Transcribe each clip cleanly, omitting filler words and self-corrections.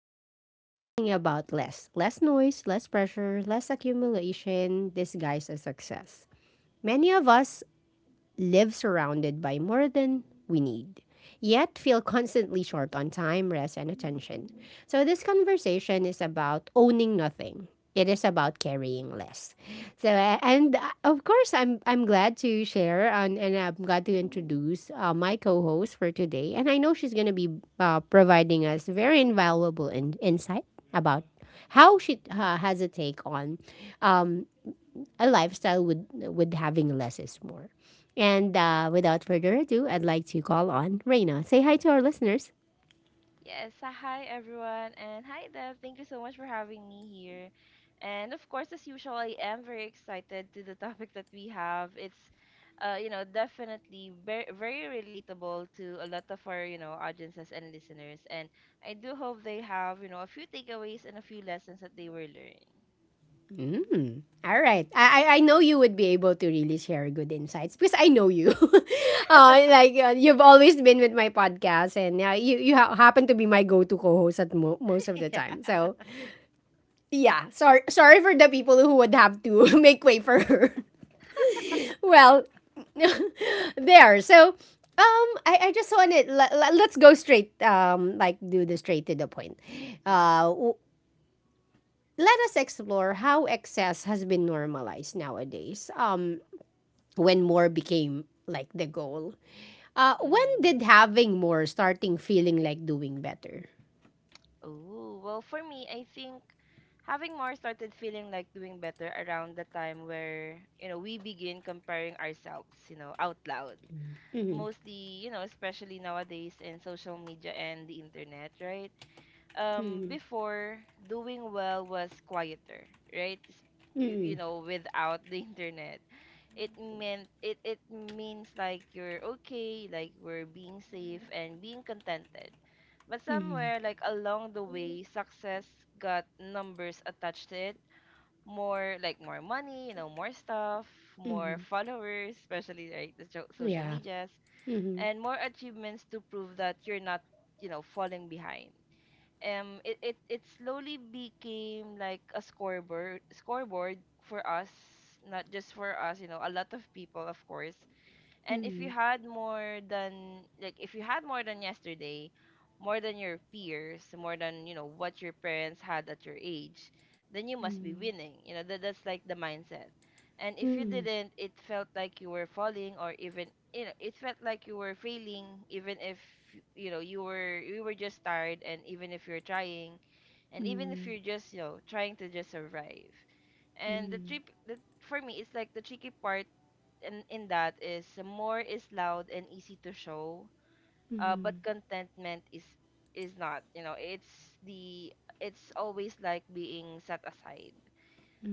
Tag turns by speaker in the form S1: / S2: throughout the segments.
S1: Today, we are talking about less. Less noise, less pressure, less accumulation. This guy's as success. Many of us live surrounded by more than we need, yet feel constantly short on time, rest, and attention. So, this conversation is about owning nothing. It is about carrying less. So, and of course, I'm glad to share and I'm glad to introduce my co host for today. And I know she's going to be providing us very invaluable insight about how she has a take on um, a lifestyle with having less is more. And without further ado, I'd like to call on Reina. Say hi to our listeners.
S2: Yes, hi everyone, and hi Dev. Thank you so much for having me here. And of course, as usual, I am very excited to the topic that we have. It's definitely very relatable to a lot of our audiences and listeners. And I do hope they have a few takeaways and a few lessons that they were learning.
S1: Mm. All right. I know you would be able to really share good insights because I know you. Like you've always been with my podcast, and you happen to be my go-to co-host at most of the time. So yeah, sorry for the people who would have to make way for her. Well, there. So, I just wanted let's go straight, like, do the straight to the point.
S2: Mhm.
S1: Uh, w- Let us explore how excess has been normalized nowadays. When more became like the goal. When did
S2: Mhm.
S1: having more starting feeling like doing better?
S2: Oh, well, for me, I think having more started feeling like doing better around the time where, you know, we begin comparing ourselves, you know, out loud.
S1: Mm-hmm,
S2: Mostly, you know, especially nowadays in social media and the internet, right?
S1: mm-hmm,
S2: Before doing well was quieter, right? You,
S1: mm-hmm.
S2: you know, without the internet, it meant it means like you're okay, like we're being safe and being contented, but somewhere like along the way success got numbers attached to it. More, like more money, you know, more stuff, more followers, especially like the social
S1: Yeah.
S2: medias,
S1: Mm-hmm,
S2: and more achievements to prove that you're not, you know, falling behind. It, it slowly became like a scoreboard for us, not just for us, you know, a lot of people of course. And if
S1: mm-hmm,
S2: you had more than like if you had more than yesterday, more than your peers, more than, you know, what your parents had at your age, then you must be winning. You know, that that's like the mindset. And if you
S1: mm-hmm,
S2: didn't, it felt like you were falling, or even, you know, it felt like you were failing, even if, you know, you were just tired, and even if you're trying, and even if
S1: mm-hmm,
S2: you're just, you know, trying to just survive. And for me, it's like the tricky part in that is more is loud and easy to show, but contentment is not. You know, it's the, it's always like being set aside.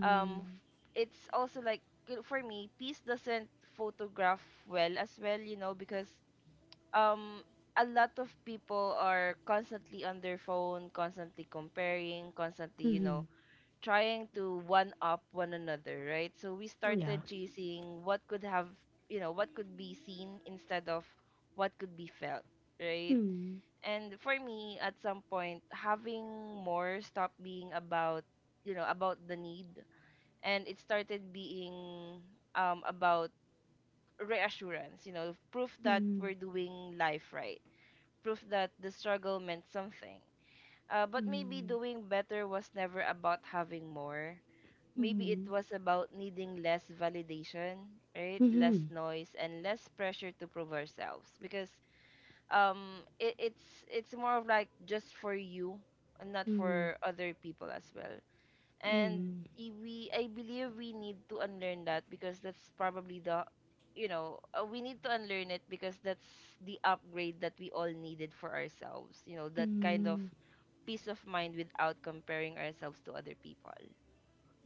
S2: It's also like, for me, peace doesn't photograph well as well. You know, because um a lot of people are constantly on their phone, constantly comparing, constantly, you
S1: mm-hmm.
S2: know, trying to one up one another, right? So we
S1: Yeah.
S2: started chasing what could have, you know, what could be seen, instead of what could be felt, right?
S1: Mm-hmm,
S2: And for me, at some point, having more stopped being about, you know, about the need, and it started being, about reassurance, you know, proof that we're doing life right, proof that the struggle meant something. But maybe doing better was never about having more. Maybe it was about needing less validation, right? Less
S1: mm-hmm,
S2: noise and less pressure to prove ourselves, because it's it's more of like just for you and not
S1: mm-hmm.
S2: for other people as well. And I- we I believe we need to unlearn that, because that's probably the, you know, we need to unlearn it because that's the upgrade that we all needed for ourselves. You know, that kind of peace of mind without comparing ourselves to other people.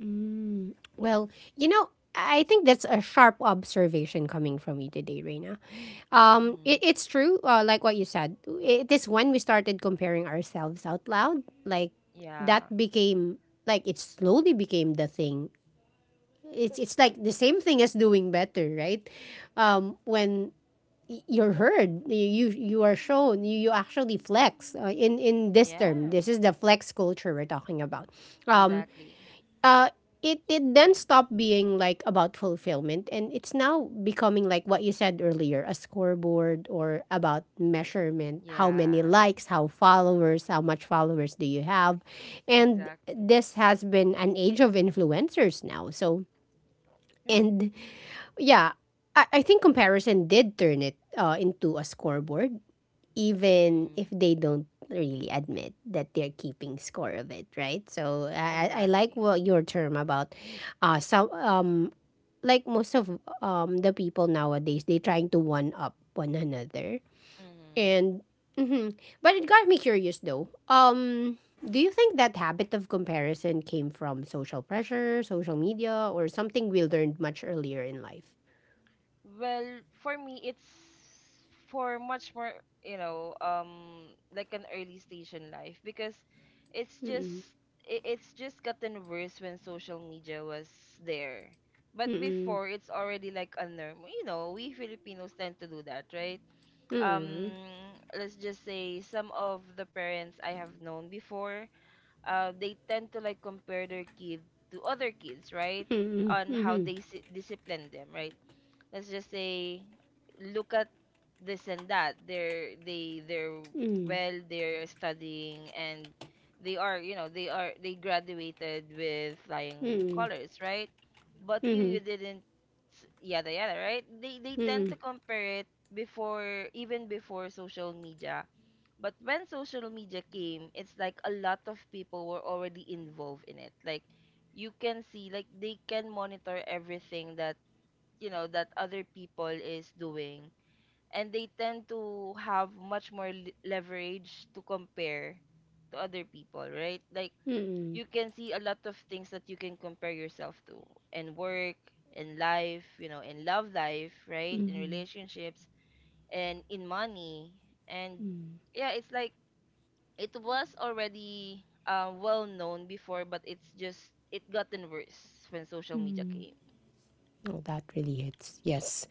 S1: Mm. Well, you know, I think that's a sharp observation coming from you today, Reina.
S2: Mm-hmm.
S1: It's true, like what you said. It is when we started comparing ourselves out loud, like that
S2: Yeah.
S1: became, like it slowly became the thing. It's like the same thing as doing better, right? When you're heard, you are shown, you actually flex. In this term,
S2: Yeah.
S1: this is the flex culture we're talking about. Um,
S2: Exactly.
S1: it then stopped being like about fulfillment, and it's now becoming, like what you said earlier, a scoreboard, or about measurement. How many
S2: Yeah.
S1: likes, how followers, how much followers do you have? And
S2: Exactly.
S1: this has been an age of influencers now, so
S2: Right.
S1: and yeah, I think comparison did turn it into a scoreboard, even if
S2: Mm.
S1: they don't really admit that they're keeping score of it, right? So I like
S2: Exactly.
S1: what your term about, some, like most of, the people nowadays, they trying to one up one another,
S2: Mm.
S1: and mhm. But it got me curious though. Do you think that habit of comparison came from social pressure, social media, or something we learned much earlier in life?
S2: Well, for me, it's for much more, you know, like an early stage in life, because it's just,
S1: Mm-mm.
S2: it's just gotten worse when social media was there. But
S1: Mm-mm.
S2: before, it's already like a norm. You know, we Filipinos tend to do that, right? um
S1: Mm-mm.
S2: let's just say some of the parents I have known before, they tend to like compare their kid to other kids, right?
S1: Mm-mm.
S2: On how
S1: Mm-mm.
S2: they discipline them, right? Let's just say, look at this and that, they're well, they're studying and they are, you know, they are, they graduated with flying
S1: Mm-mm.
S2: colors, right? But you
S1: Mm-mm.
S2: didn't, yada yada, right? They tend
S1: Mm,
S2: to compare it before, even before social media. But when social media came, it's like a lot of people were already involved in it, like you can see, like they can monitor everything that, you know, that other people is doing, and they tend to have much more leverage to compare to other people, right? Like
S1: mm,
S2: you can see a lot of things that you can compare yourself to in work, in life, you know, in love life, right, in
S1: mm,
S2: relationships, and in money. And
S1: mm,
S2: yeah, it's like it was already well known before, but it's just it gotten worse when social media
S1: mm.
S2: came.
S1: Oh, that really hits. Yes.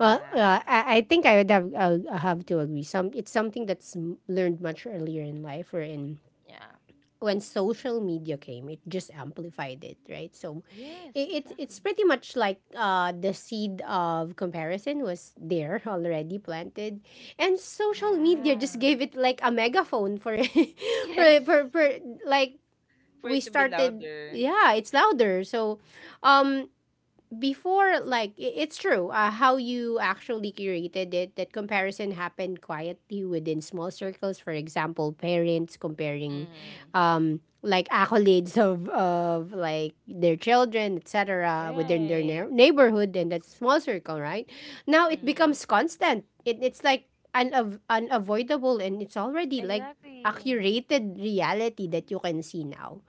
S1: Well, I think I would have I'll have to agree. Some it's something that's learned much earlier in life, or in
S2: Yeah.
S1: when social media came, it just amplified it, right? So,
S2: Yes,
S1: it's
S2: exactly.
S1: pretty much like, the seed of comparison was there, already planted, and social media just
S2: Yeah.
S1: gave it like a megaphone for
S2: Yes.
S1: for like,
S2: For
S1: we
S2: it to be
S1: started.
S2: louder.
S1: Yeah, it's louder. So, um before, like, it's true, how you actually curated it, that comparison happened quietly within small circles. For example, parents comparing,
S2: Mm.
S1: like, accolades of like their children, etc, within their
S2: Right.
S1: neighborhood, and that's small circle, right? Now it
S2: Mm.
S1: becomes constant. It's like unavoidable, and it's already like a
S2: Exactly.
S1: curated reality that you can see now.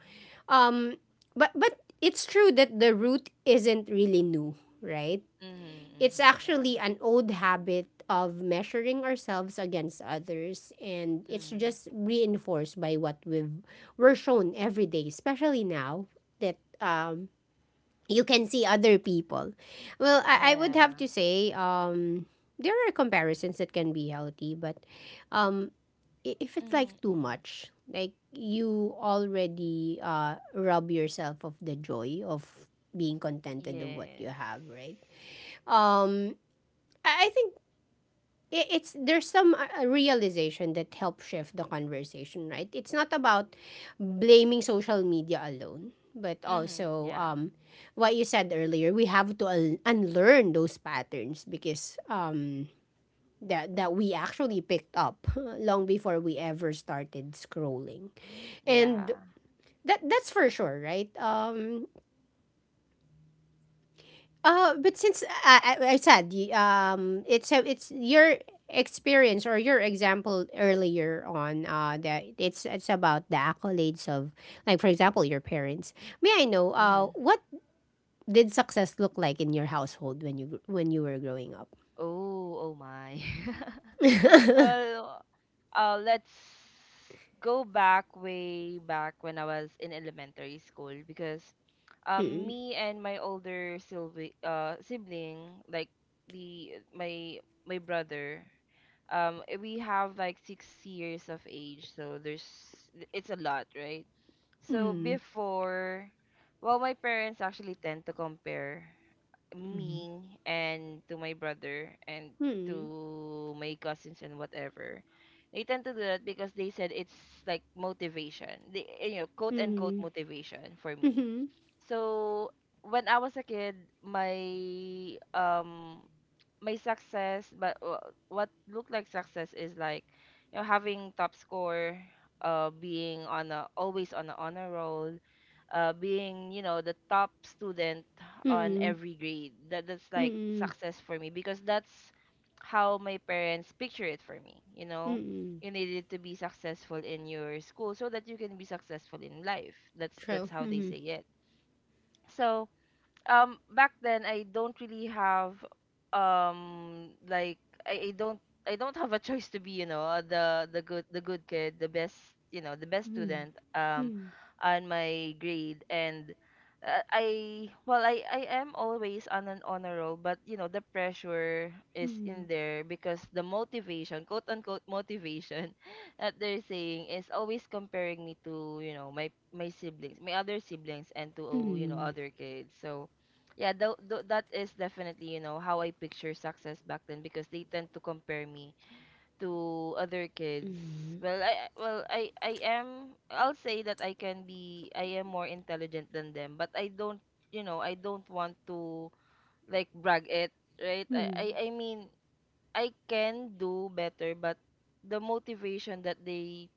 S1: um, but it's true that the root isn't really new, right?
S2: Mm-hmm,
S1: It's
S2: mm-hmm, yeah.
S1: actually an old habit of measuring ourselves against others, and it's
S2: Mm-hmm.
S1: just reinforced by what we're shown every day, especially now that, you can see other people. Well, I would have
S2: Yeah.
S1: to say, there are comparisons that can be healthy, but, um, if it's
S2: Mm-hmm,
S1: like too
S2: mm-hmm.
S1: much, like you already, rob yourself of the joy of being contented of what you
S2: Yes.
S1: have, right? Um, I think it's, there's some realization that helps shift the conversation, right? It's not about blaming social media alone, but
S2: Mm-hmm.
S1: also,
S2: Yeah.
S1: what you said earlier. We have to unlearn those patterns because, that we actually picked up long before we ever started scrolling, and
S2: Yeah.
S1: that's for sure, right? But since I said, it's it's your experience or your example earlier on, that it's about the accolades of, like for example, your parents. May I know,
S2: Mm-hmm.
S1: what did success look like in your household when you when you were growing up?
S2: Oh, oh my. Well, let's go back way back when I was in elementary school, because me and my older sibling, like the my my brother, we have like 6 years of age, so there's, it's a lot, right? So
S1: Mm.
S2: before, well my parents actually tend to compare me and to my brother and
S1: Mm.
S2: to my cousins and whatever. They tend to do that because they said it's like motivation. They, you know, quote unquote
S1: Mm.
S2: motivation for
S1: Mm.
S2: me.
S1: Mm.
S2: So when I was a kid, my my success, but what looked like success is like, you know, having top score, being on a, always on a honor roll, being, you know, the top student on
S1: Mm.
S2: every grade. That that's like
S1: Mm.
S2: success for me, because that's how my parents picture it for me. You know,
S1: Mm.
S2: you needed to be successful in your school so that you can be successful in life.
S1: True.
S2: That's how they
S1: Mm.
S2: say it. So back then I don't really have, like I don't, I don't have a choice to be, you know, the good, the good kid, the best, you know, the best
S1: Mm.
S2: student, on my grade. And I, well, I am always on an honor roll, but you know the pressure is
S1: Mm.
S2: in there, because the motivation, quote unquote motivation, that they're saying is always comparing me to, you know, my siblings, my other siblings, and to, you know,
S1: Mm,
S2: other kids. So yeah, that is definitely, you know, how I picture success back then, because they tend to compare me to other kids. Well, I I am, I'll say that I can be, I am more intelligent than them, but I don't, you know, I don't want to like brag it, right?
S1: mm.
S2: I mean, I can do better, but the motivation that they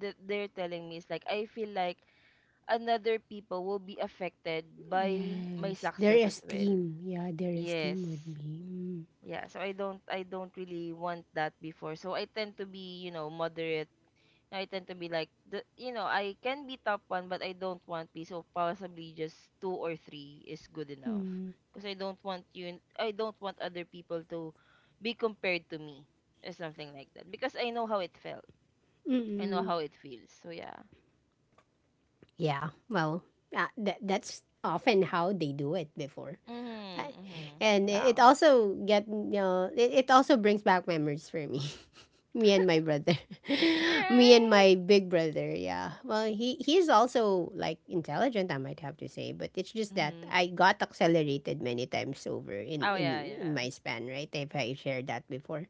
S2: that they're telling me is like I feel like another people will be affected by my
S1: Yes, their
S2: success as well.
S1: esteem. Yeah, their
S2: Yes.
S1: esteem would be.
S2: Yeah, so I don't really want that before. So I tend to be, you know, moderate. I tend to be like the, you know, I can be top one, but I don't want P. So possibly just two or three is good enough.
S1: Mm,
S2: Because I don't want other people to be compared to me or something like that. Because I know how it felt.
S1: mm,
S2: I know
S1: mm.
S2: how it feels. So yeah.
S1: Yeah, well, that's often how they do it before.
S2: Mhm.
S1: I,
S2: Mhm.
S1: and it
S2: Wow.
S1: also get, it also brings back memories for me and my brother me and my
S2: Right.
S1: big brother. Yeah, well, he's also like intelligent, I might have to say, but it's just that
S2: Mhm.
S1: I got accelerated many times over in
S2: Oh yeah, yeah.
S1: my span, right? If I shared that before.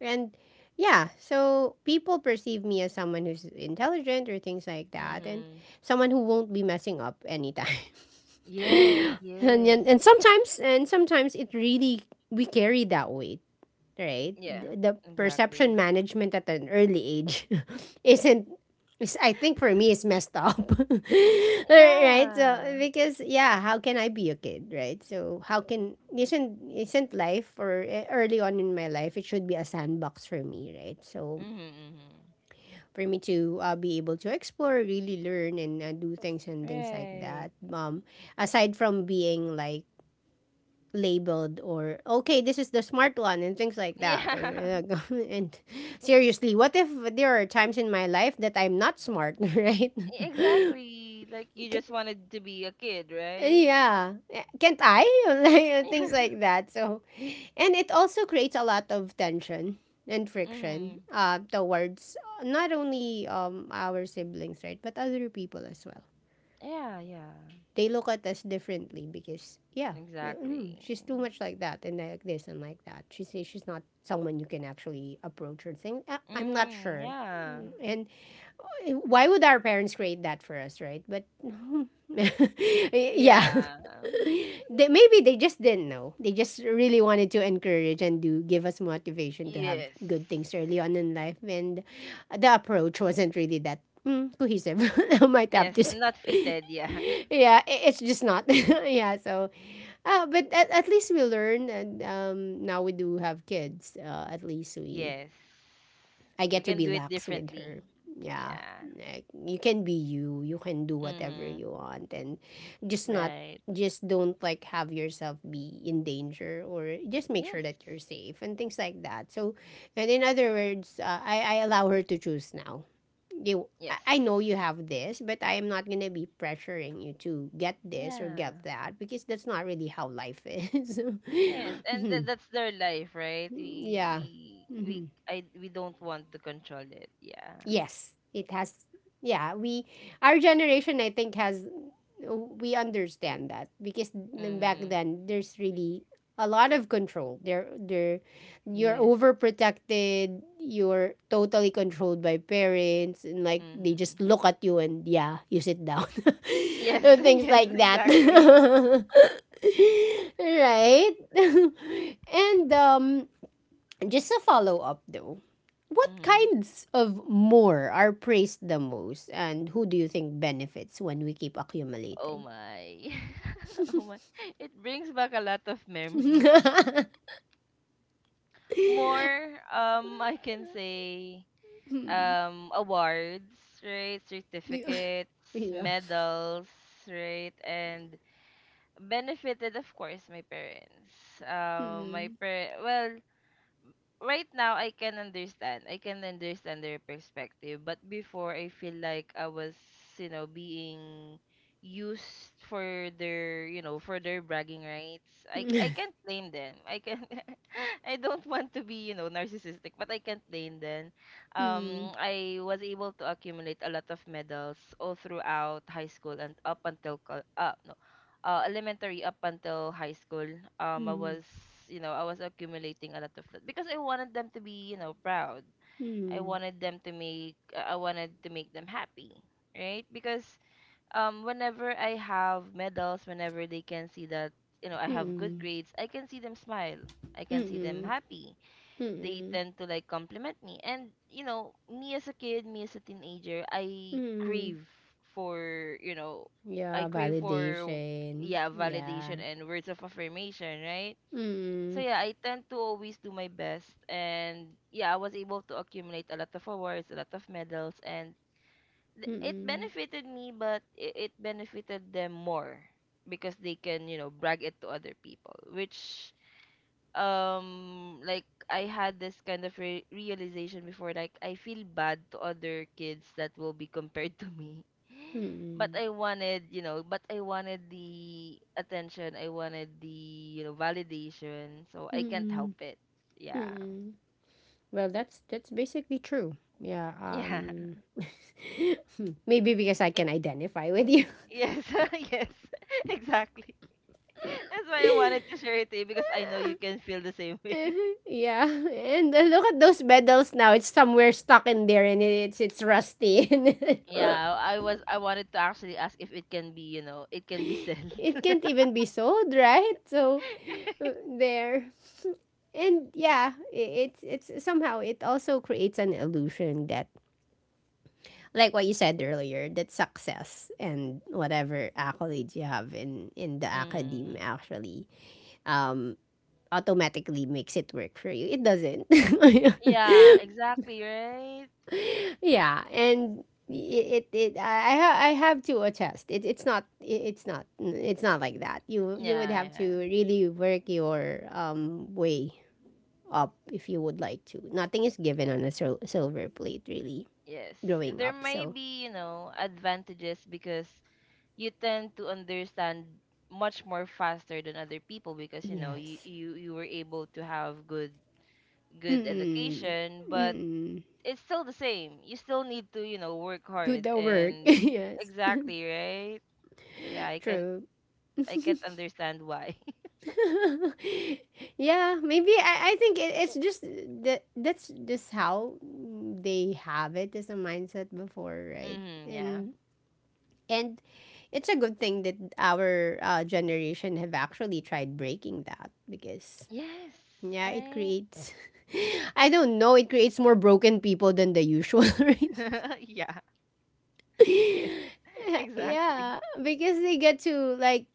S1: And yeah, so people perceive me as someone who's intelligent or things like that, and
S2: Mhm.
S1: someone who won't be messing up anytime.
S2: Yes,
S1: and, and
S2: yes.
S1: and sometimes, it really, we carry that weight, right?
S2: Yeah,
S1: The perception
S2: exactly.
S1: management at an early age isn't is, I think for me is messed up, right? So,
S2: Yeah.
S1: because yeah, how can I be a kid, right? So, how can, isn't life, or, early on in my life, it should be a sandbox for me, right? So,
S2: Mm-hmm.
S1: for me to, be able to explore, really learn, and, do things and things like that,
S2: Right.
S1: aside from being like labeled, or okay, this is the smart one and things like that, or,
S2: Yeah.
S1: and seriously, what if there are times in my life that I'm not smart, right?
S2: Exactly. Like you
S1: K-
S2: just wanted to be a kid, right?
S1: yeah. Can't I, like,
S2: Yeah.
S1: things like that. So, and it also creates a lot of tension and friction,
S2: Mm-hmm.
S1: towards not only, our siblings, right, but other people as well.
S2: Yeah, yeah.
S1: They look at us differently because yeah, yeah, mm,
S2: Exactly.
S1: she's too much like that and like this and like that, she says, she's not someone you can actually approach, or think. I'm not
S2: Mm,
S1: sure.
S2: yeah.
S1: Mm, and why would our parents create that for us, right? But yeah.
S2: Yeah.
S1: Maybe they just didn't know. They just really wanted to encourage and do give us motivation to have
S2: Yes.
S1: good things early on in life, and the approach wasn't really that, cohesive. I might have to
S2: Yes,
S1: say.
S2: not fitted, yeah.
S1: Yeah, it's just not. Yeah, so, but at least we learn, and now we do have kids. At least we,
S2: Yes.
S1: I
S2: We
S1: get to
S2: can
S1: be
S2: do it
S1: lax with
S2: differently.
S1: her. Yeah.
S2: Yeah.
S1: Like you can be you. You can do whatever
S2: Mm-hmm.
S1: you want, and just not,
S2: Right.
S1: just don't like have yourself be in danger, or just make
S2: Yes.
S1: sure that you're safe and things like that. So, and in other words, I allow her to choose now.
S2: Yes.
S1: I know you have this, but I am not going to be pressuring you to get this or
S2: Yeah.
S1: get that, because that's not really how life is.
S2: Yes, and
S1: Mhm.
S2: that's their life, right?
S1: Yeah.
S2: We
S1: Mhm.
S2: I we don't want to control it. Yeah.
S1: Yes, it has. Yeah, we our generation, I think has, we understand that because back
S2: Mhm.
S1: then there's really a lot of control. There You're
S2: Yes.
S1: overprotected, you're totally controlled by parents, and like they just
S2: Mhm.
S1: look at you and, yeah, you sit down.
S2: Yes,
S1: And things
S2: yes,
S1: like that.
S2: exactly.
S1: Right? And, just a follow up though. What
S2: Mhm.
S1: kinds of more are praised the most, and who do you think benefits when we keep
S2: Oh
S1: accumulating?
S2: my. Oh my. It brings back a lot of memories. More, I can say,
S1: Hmm.
S2: awards, right?
S1: Yeah.
S2: Certificates,
S1: Yeah.
S2: medals, right? And benefited of course my parents.
S1: Mm.
S2: Well, right now I can understand, I can understand their perspective, but before I feel like I was, you know, being used for their, you know, for their bragging rights. I
S1: Mm.
S2: can't blame them, I can, I don't want to be, you know, narcissistic, but I can't blame them. um
S1: Mm.
S2: I was able to accumulate a lot of medals all throughout high school, and up until co- no elementary up until high school, I
S1: Mm.
S2: was, you know, I was accumulating a lot of that because I wanted them to be, you know, proud.
S1: Mm.
S2: I wanted to make them happy, right? Because, whenever I have medals, whenever they can see that, you know, I have good
S1: Mm.
S2: grades, I can see them smile. I can see them
S1: Mm.
S2: happy, they
S1: Mm.
S2: tend to like compliment me. And you know, me as a kid, me as a teenager, I
S1: Mm.
S2: crave for, you know, I
S1: Yeah,
S2: crave for
S1: validation.
S2: yeah, validation
S1: Yeah.
S2: and words of affirmation, right? So
S1: Mm.
S2: yeah, I tend to always do my best, and yeah, I was able to accumulate a lot of awards, a lot of medals, and it
S1: Mm.
S2: benefited me, but it benefited them more, because they can, you know, brag it to other people, which like I had this kind of realization before, like I feel bad to other kids that will be compared to me. But
S1: Mm.
S2: I wanted, but I wanted the attention. I wanted the validation, so I can't
S1: Mm.
S2: help it. Yeah.
S1: Mm. Well, that's basically true. Yeah,
S2: Yeah.
S1: maybe because I
S2: It,
S1: can identify with you.
S2: yes. Yes. Exactly. That's why I wanted to share it to you, because I know you can feel the same way.
S1: Yeah. And, look at those medals now. It's somewhere stuck in there, and it's rusty. And
S2: Yeah, I wanted to actually ask if it can be sent.
S1: it can't even be sold, right? So, there. And yeah, it's somehow, it also creates an illusion that, like what you said earlier, that success and whatever accolades you have in the academe
S2: Mm.
S1: actually, um automatically makes it work for you. It doesn't.
S2: Yeah, exactly, right?
S1: Yeah, and it I have to attest. It's not, it's not like that. You would
S2: Yeah,
S1: have to
S2: yeah.
S1: really work your, way up, if you would like to. Nothing is given on a silver plate, really.
S2: Yes.
S1: Growing
S2: There
S1: up,
S2: may
S1: so
S2: be, advantages, because you tend to understand much more faster than other people, because, you know, you
S1: yes.
S2: you, you were able to have good
S1: Mm.
S2: education, but
S1: Mm.
S2: it's still the same. You still need to, work
S1: Do
S2: hard,
S1: the work.
S2: and
S1: Yes.
S2: exactly, right? So yeah, I can't
S1: True.
S2: I can't understand why.
S1: Yeah, maybe I think it's just that that's just how they have it as a mindset before, right?
S2: Hmm, yeah.
S1: And and it's a good thing that our generation have actually tried breaking that because
S2: Yes,
S1: yeah, it
S2: right?
S1: creates I don't know, it creates more broken people than the usual, right?
S2: Yeah. Yes. Exactly.
S1: Yeah, because they get to like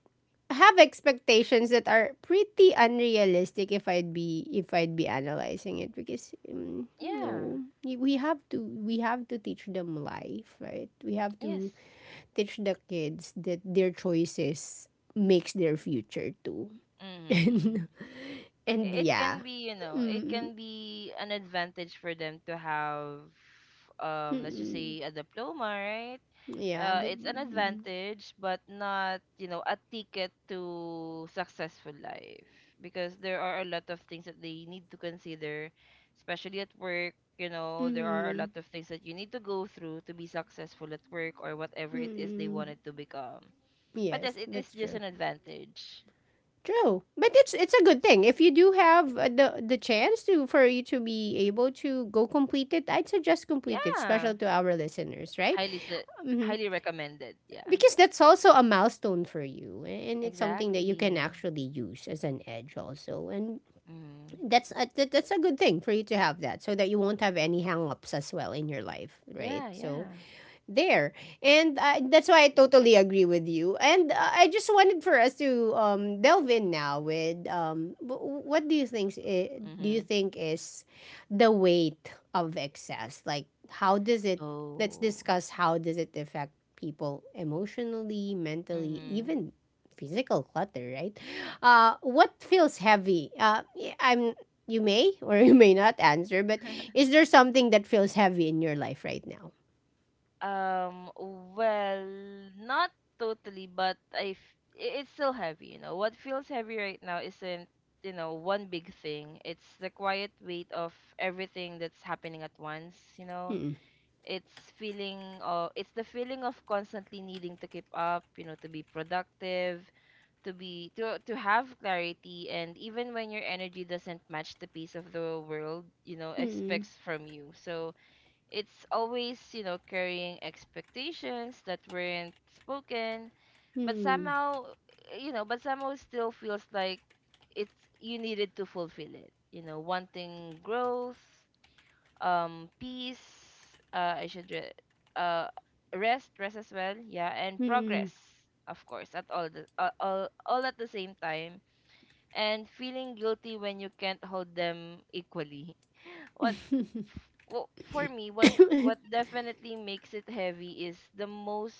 S1: have expectations that are pretty unrealistic if I'd be analyzing it because
S2: Yeah.
S1: no we have to teach them life, right, we have to
S2: Yes.
S1: teach the kids that their choices makes their future too.
S2: Mm-hmm.
S1: and and
S2: It
S1: yeah.
S2: can be, you know, it
S1: Mm.
S2: can be an advantage for them to have, let's just
S1: Mm.
S2: say, a diploma, right?
S1: Yeah,
S2: Uh,
S1: but
S2: it's an
S1: mm,
S2: advantage, but not, a ticket to successful life, because there are a lot of things that they need to consider, especially at work. There are a lot
S1: mm,
S2: of things that you need to go through to be successful at work, or whatever it is they
S1: mm,
S2: wanted to become. But yes,
S1: yes,
S2: it is
S1: that's
S2: just
S1: true.
S2: an advantage.
S1: True, but it's a good thing if you do have the chance to for you to be able to go complete it. I'd suggest complete it,
S2: Yeah.
S1: special to our listeners, right?
S2: Highly se
S1: Hmm.
S2: highly recommended. Yeah.
S1: Because that's also a milestone for you, and it's something that you can
S2: Exactly.
S1: actually use as an edge also, and
S2: Mm.
S1: that's a good thing for you to have that, so that you won't have any hang-ups as well in your life, right?
S2: Yeah,
S1: So
S2: yeah.
S1: there. And that's why I totally agree with you. And I just wanted for us to delve in now with, what do you think, do you
S2: Mm-hmm.
S1: think is the weight of excess? Like how does it let's
S2: Oh.
S1: discuss how does it affect people emotionally, mentally,
S2: Mm-hmm.
S1: even physical clutter, right? What feels heavy? I I'm you may or you may not answer, but is there something that feels heavy in your life right now?
S2: Um, well, not totally, but it's still heavy, What feels heavy right now isn't, one big thing. It's the quiet weight of everything that's happening at once,
S1: Hmm.
S2: it's the feeling of constantly needing to keep up, to be productive, to be to have clarity, and even when your energy doesn't match the pace of the world
S1: Hmm.
S2: expects from you, so it's always, carrying expectations that weren't spoken, but
S1: Hmm.
S2: somehow still feels like it's you needed to fulfill it, wanting growth, peace, I should re- uh rest rest as well, yeah, and
S1: Hmm.
S2: progress, of course, at all the all at the same time, and feeling guilty when you can't hold them equally. What Well, for me, what definitely makes it heavy is the most,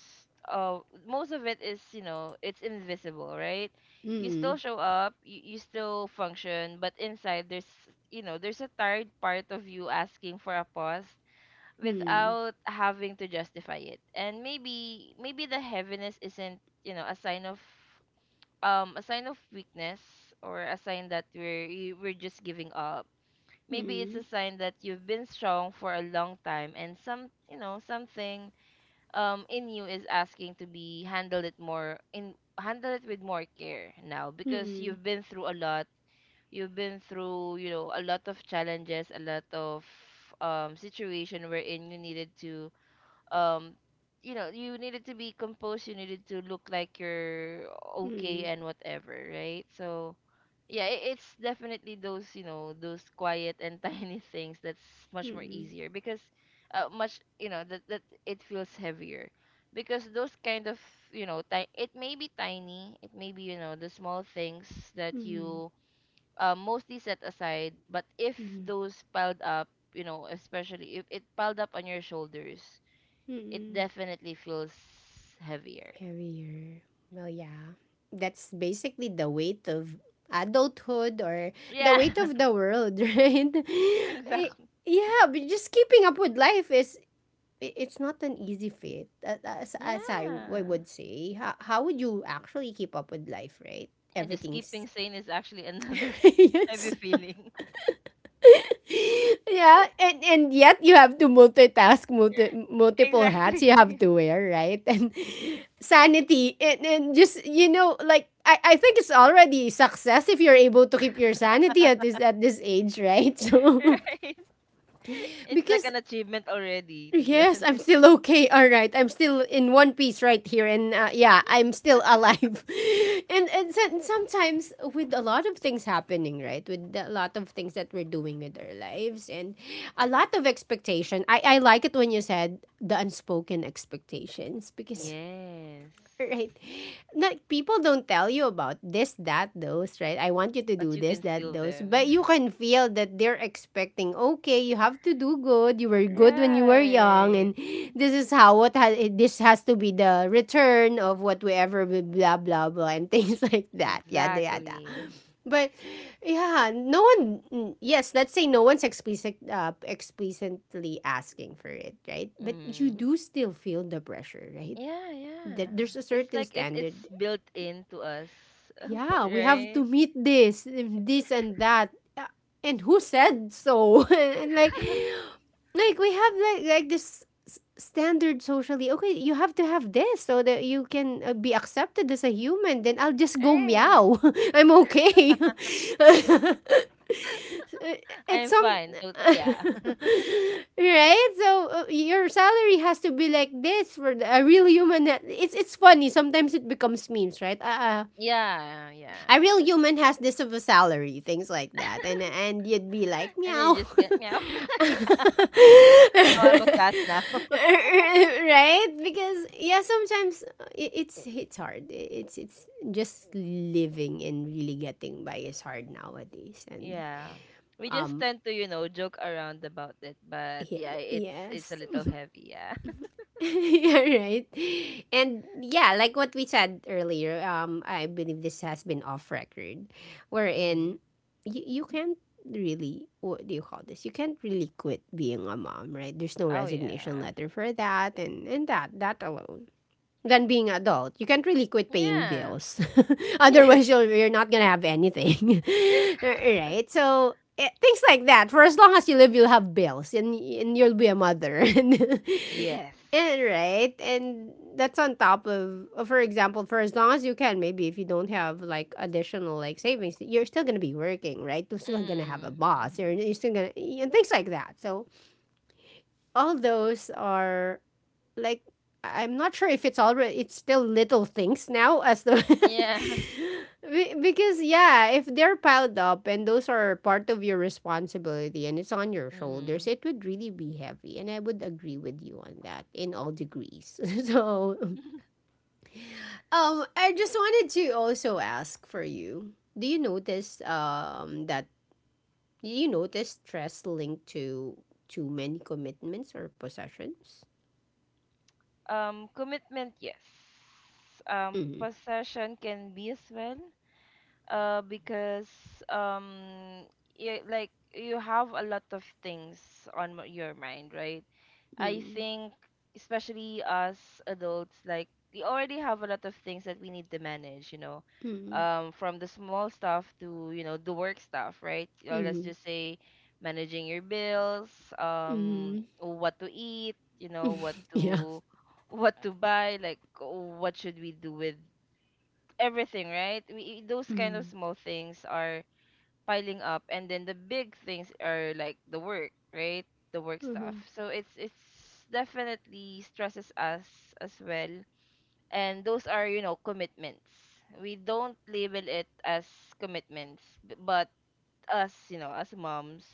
S2: most of it is, it's invisible, right? You still
S1: Hmm.
S2: show up, you still function, but inside, there's you know there's a tired part of you asking for a pause,
S1: Hmm.
S2: without having to justify it. And maybe the heaviness isn't, a sign of, a sign of weakness, or a sign that we're just giving up. Maybe it's
S1: Hmm.
S2: a sign that you've been strong for a long time, and something in you is asking to be handled it more in handle it with more care now,
S1: Hmm.
S2: because
S1: Hmm.
S2: you've been through a lot. You've been through, a lot of challenges, a lot of situation wherein you um needed to be composed, you needed to look like you're okay and whatever, right? So yeah, it's definitely those, those quiet and tiny things that's much more
S1: Hmm.
S2: easier, because much, that it feels heavier, because those kind of, it may be tiny, it may be, the small things that
S1: Hmm.
S2: you, mostly set aside. But if
S1: Hmm.
S2: those piled up, especially if it piled up on your shoulders, it
S1: Hmm.
S2: definitely feels heavier.
S1: Heavier. Well, yeah. That's basically the weight of adulthood or the weight
S2: Yeah,
S1: of the world, right? I,
S2: exactly.
S1: yeah, but just keeping up with life is it's not an easy feat, as I
S2: Yeah.
S1: would say, how would you actually keep up with life, right?
S2: And the
S1: everything's
S2: skipping scene is actually another heavy
S1: Yes.
S2: feeling.
S1: Yeah, and yet you have to multitask, multiple hats you have
S2: Exactly.
S1: to wear, right? And sanity and, just like I think it's already success if you're able to keep your sanity at this age, right? So,
S2: Right. It's like
S1: because
S2: an achievement already, to be
S1: yes,
S2: honest.
S1: I'm still okay. All right, I'm still in one piece right here, and yeah, I'm still alive. And sometimes with a lot of things happening, right, with a lot of things that we're doing with our lives, and a lot of expectation. I like it when you said the unspoken expectations because right.
S2: Yes,
S1: Not, people don't tell you about this, that, those, right? I want you to
S2: but
S1: do
S2: you
S1: this,
S2: can
S1: that,
S2: feel
S1: those.
S2: them.
S1: But you can feel that they're expecting, okay, you have to do good. You were good when you were young.
S2: Right.
S1: And this is how what has, this has to be the return of whatever, blah, blah, blah, and things like that. Yada, yada.
S2: Exactly.
S1: But yeah, no one. Yes, let's say no one's explicitly asking for it, right? But you
S2: Mm.
S1: do still feel the pressure, right?
S2: Yeah, yeah.
S1: There's a
S2: It's
S1: certain
S2: like it's
S1: standard.
S2: built into us, for,
S1: Yeah, we have
S2: right?
S1: to meet this, and this and that. And who said so? And like, we have like this standard socially. Okay, you have to have this so that you can be accepted as a human. Then I'll just go
S2: Right.
S1: meow. I'm okay. It's
S2: I'm
S1: some.
S2: fine. So yeah.
S1: Right, so your salary has to be like this for a real human, it's funny sometimes it becomes memes, right?
S2: Yeah,
S1: A
S2: yeah.
S1: real human has this of a salary, things like that. And you'd be like,
S2: And then you
S1: meow.
S2: just get meow.
S1: Right?
S2: Yeah. Oh, I'm a cat now.
S1: Because yeah, sometimes it's hard. It's just living and really getting by is hard nowadays. And
S2: Yeah. We just
S1: um
S2: tend to, joke around about it, but
S1: yeah,
S2: yeah, it's a
S1: yes.
S2: little heavy, yeah.
S1: Yeah, right. And yeah, like what we said earlier, I believe this has been off record, wherein
S2: Mm.
S1: you can't really what do you call this? You can't really quit being a mom, right? There's no
S2: Oh
S1: resignation
S2: yeah.
S1: letter for that, and that alone than being adult. You can't really quit paying
S2: Yeah.
S1: bills. Otherwise,
S2: Yes.
S1: you're not gonna have anything, right? So, things like that. For as long as you live, you'll have bills, and you'll be a mother,
S2: Yes.
S1: and right, and that's on top of, for example, for as long as you can. Maybe if you don't have like additional like savings, you're still gonna be working, right? You're still gonna have a
S2: Mm.
S1: boss. You're,
S2: Mm-hmm.
S1: you're still gonna and things like that. So all those are like, I'm not sure if it's still little things now as the
S2: Yeah.
S1: Because yeah, if they're piled up and those are part of your responsibility and it's on your shoulders,
S2: Mm-hmm.
S1: it would really be heavy, and I would agree with you on that in all degrees. So, I just wanted to also ask for you. Do you notice stress linked to too many commitments or possessions?
S2: Commitment, yes.
S1: Mm-hmm.
S2: Possession can be as well. Because um like you have a lot of things on your mind, right? I
S1: Mm-hmm.
S2: think, especially us adults, like we already have a lot of things that we need to manage, you know, from the small stuff to, the work stuff, right? Or let's
S1: Mm-hmm.
S2: just say managing your bills,
S1: Mm.
S2: what to eat, you know, what
S1: Yeah.
S2: to what to buy, like what should we do with everything, right? Those kind of
S1: Mm.
S2: small things are piling up, and then the big things are like the work, right? The work stuff.
S1: Mhm.
S2: So it's definitely stresses us as well, and those are, commitments. We don't label it as commitments, but us, as moms,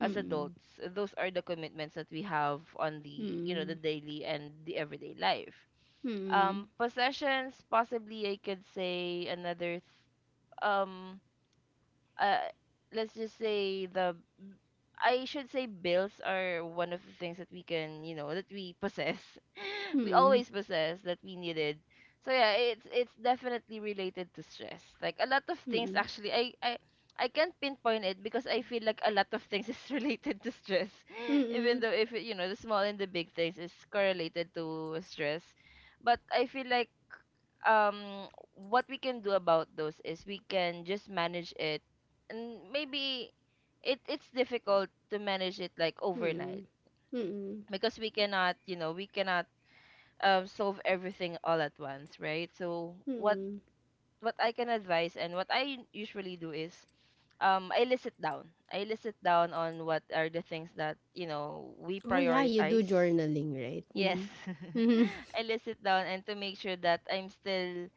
S2: as
S1: Mm.
S2: adults, those are the commitments that we have on the you know the
S1: Mm.
S2: daily and the everyday life.
S1: Mm.
S2: Possessions, possibly I could say another, um uh let's just say the I should say bills are one of the things that we can, you know, that we possess. We
S1: Mm.
S2: always possess that we needed. So yeah, it's definitely related to stress. Like a lot of things
S1: Mm.
S2: actually, I can't pinpoint it, because I feel like a lot of things is related to stress. Even
S1: Mm.
S2: though if it, the small and the big things is correlated to stress. But I feel like um what we can do about those is we can just manage it, and maybe it's difficult to manage it, like overnight,
S1: Mm. Mm.
S2: because we cannot solve everything all at once, right? So what
S1: Mm.
S2: what I can advise and what I usually do is, I list it down on what are the things that, we
S1: Oh yeah, you do
S2: prioritize.
S1: journaling, right?
S2: Yes.
S1: Mm. Mm.
S2: I list it down, and to make sure that I'm still,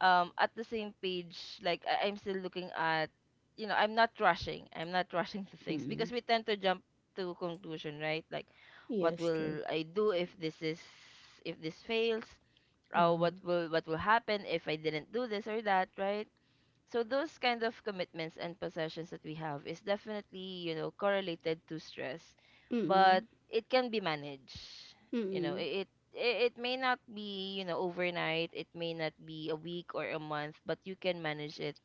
S2: at the same page, like I'm still looking at, I'm not rushing. I'm not rushing to things, because
S1: Mm.
S2: we tend to jump to conclusion, right? Like, what
S1: Yes, true.
S2: will I do if this is if this fails? Or, what
S1: Uh-huh.
S2: will what will happen if I didn't do this or that, right? So those kind of commitments and possessions that we have is definitely, correlated to stress, but
S1: Mm.
S2: it can be managed. You know,
S1: Mm.
S2: it it may not be, overnight, it may not be a week or a month, but you can manage it.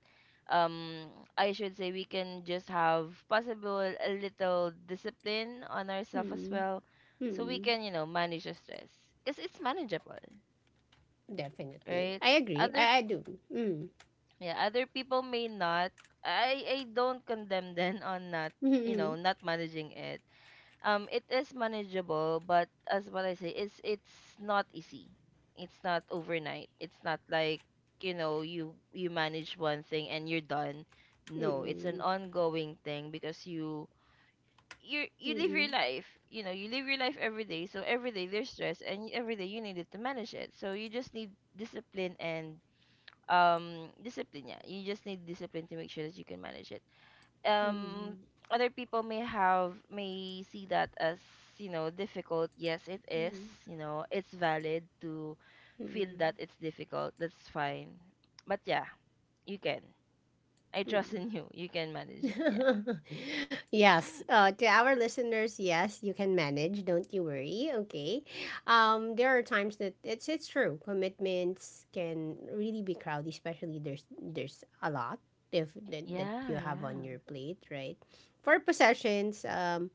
S2: Um I should say we can just have possible a little discipline on ourselves as
S1: Mm.
S2: well, so we
S1: Mm.
S2: can, manage the stress. Cuz it's manageable,
S1: Definitely.
S2: right?
S1: I agree.
S2: Other
S1: I do. Mm.
S2: yeah other people may not, I don't condemn them on not,
S1: Mm.
S2: not managing it. It is manageable, but as what I say, it's not easy. It's not overnight. It's not like, you manage one thing and you're done. No, it's an
S1: Mm.
S2: ongoing thing, because you
S1: Mm.
S2: live your
S1: Mm.
S2: life you know you live your life every day, so every day there's stress, and every day you needed to manage it. So you just need discipline and um discipline. Yeah, you just need discipline to make sure that you can manage it. um
S1: Mm.
S2: Other people may have may see that as, difficult. Yes, it is,
S1: Mm.
S2: it's valid to feel that
S1: Mm.
S2: it's difficult. That's fine. But yeah, you can. I trust
S1: Mm.
S2: in you. You can manage it, yeah.
S1: Yes, to our listeners, yes, you can manage. Don't you worry. Okay, there are times that it's true. Commitments can really be crowded, especially there's a lot if that you
S2: Yeah,
S1: have
S2: yeah.
S1: on your plate, right? For possessions,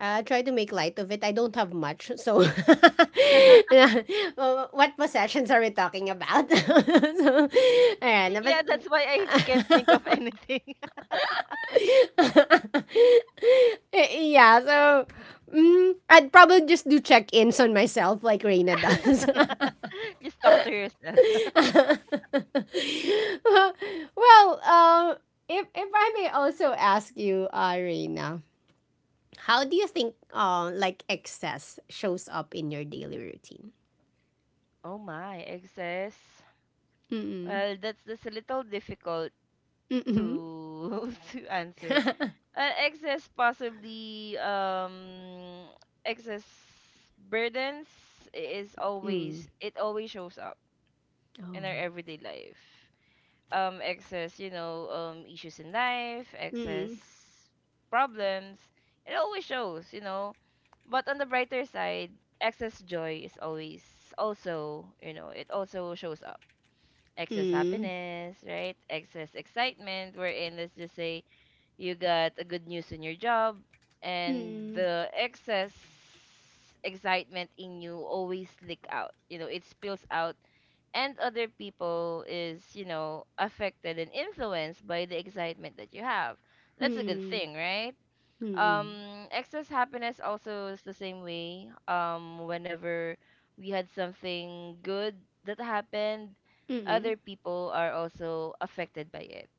S1: I try to make light of it. I don't have much, so What possessions are we talking about? So, ayan,
S2: Yeah,
S1: but
S2: that's why I can't think of anything.
S1: yeah, so I'd probably just do check-ins on myself like Reina does.
S2: Just talk to yourself.
S1: Well, if I may also ask you, Reina, how do you think like excess shows up in your daily routine?
S2: Oh my, excess.
S1: Mm-mm.
S2: Well, that's a little difficult
S1: Mm-hmm.
S2: to to answer. Excess, possibly, excess burdens is
S1: Mm.
S2: always, it always shows up in
S1: Oh.
S2: our everyday life. Excess, issues in life, excess
S1: Mm.
S2: problems, it always shows. But on the brighter side, excess joy is always, it also shows up. Excess
S1: Mm.
S2: happiness, right? Excess excitement, wherein, let's just say, you got a good news in your job, and
S1: Mm.
S2: the excess excitement in you always leak out. It spills out, and other people is, affected and influenced by the excitement that you have. That's a good
S1: Mm.
S2: thing, right?
S1: Mm. Mm.
S2: Excess happiness also is the same way. Whenever we had something good that happened,
S1: Mm.
S2: other people are also affected by it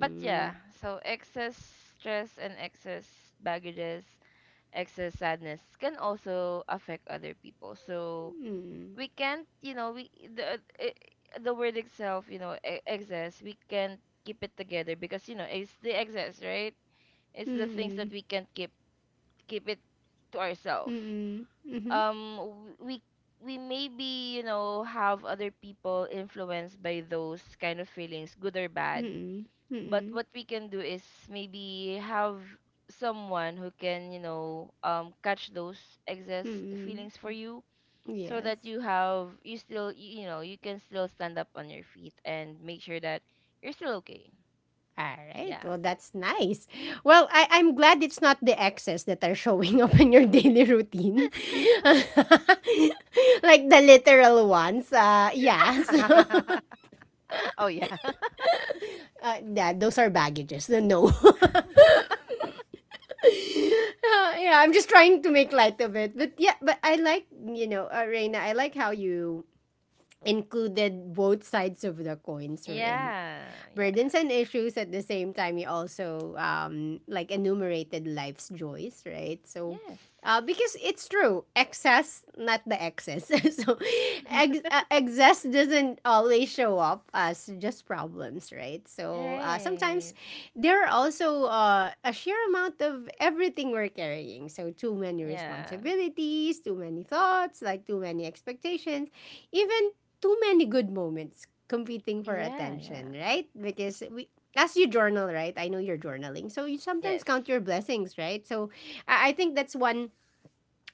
S2: but yeah, so excess stress and excess baggages, excess sadness can also affect other people. So
S1: Mm.
S2: we can't, you know, the word itself, you know, excess, we can't keep it together because you know it's the excess, right? It's the things that
S1: Mm.
S2: we can't keep it to ourselves.
S1: Mm. Mm.
S2: Um, w- we we maybe you know have other people influenced by those kind of feelings, good or bad
S1: Mm.
S2: but
S1: Mm.
S2: what we can do is maybe have someone who can, you know, catch those excess
S1: Mm.
S2: feelings for you so that
S1: Yes.
S2: you know, you can still stand up on your feet and make sure that you're still okay.
S1: All right.
S2: Yeah.
S1: Well, that's nice. Well, I'm glad it's not the exes that are showing up in your daily routine. Like the literal ones. Yeah.
S2: Oh, yeah.
S1: So, yeah, those are baggages. So no. Yeah, I'm just trying to make light of it. But yeah, but I like, Reina, I like how you included both sides of the coins were in
S2: Yeah.
S1: burdens
S2: Yeah.
S1: and issues at the same time you also like enumerated life's joys, right? So
S2: Yes.
S1: because it's true excess, not the excess. So excess doesn't always show up as just problems, right? So sometimes
S2: Right.
S1: there are also a sheer amount of everything we're carrying, so too many
S2: Yeah.
S1: responsibilities, too many thoughts, like too many expectations, even too many good moments competing for
S2: Yeah. Yeah.
S1: attention, right? Because we as you journal, right? I know you're journaling. So you sometimes
S2: Yes.
S1: count your blessings, right? So I think that's one.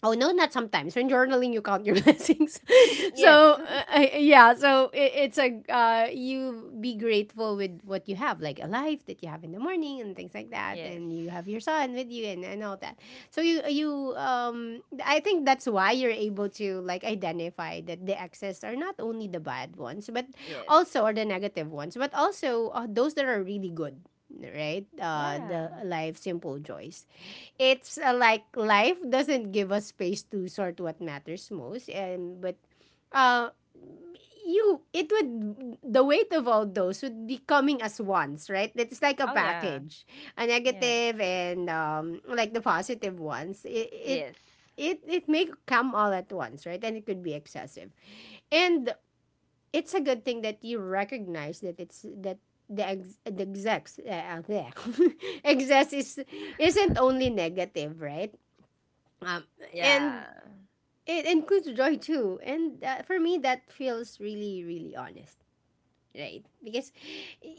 S1: Oh no, not sometimes. When journaling, you count your blessings.
S2: Yes.
S1: So yeah, so it, it's a you be grateful with what you have, like a life that you have in the morning and things like that,
S2: Yes.
S1: and you have your son with you, and all that. So you I think that's why you're able to like identify that the excess are not only the bad ones, but
S2: Yes.
S1: also, or the negative ones, but also, those that are really good, right?
S2: Yeah.
S1: The life simple joys, it's like life doesn't give us space to sort what matters most, and but uh you it would the weight of all those would be coming as ones, right? It's like a
S2: Oh, yeah.
S1: package, a
S2: Yes.
S1: negative and like the positive ones, it it
S2: Yes.
S1: it, it may come all at once, right, and it could be excessive, and it's a good thing that you recognize that it's that the ex, the execs there excess is isn't only negative, right? Um, and
S2: Yeah.
S1: it includes joy too. And for me, that feels really, really honest, right? Because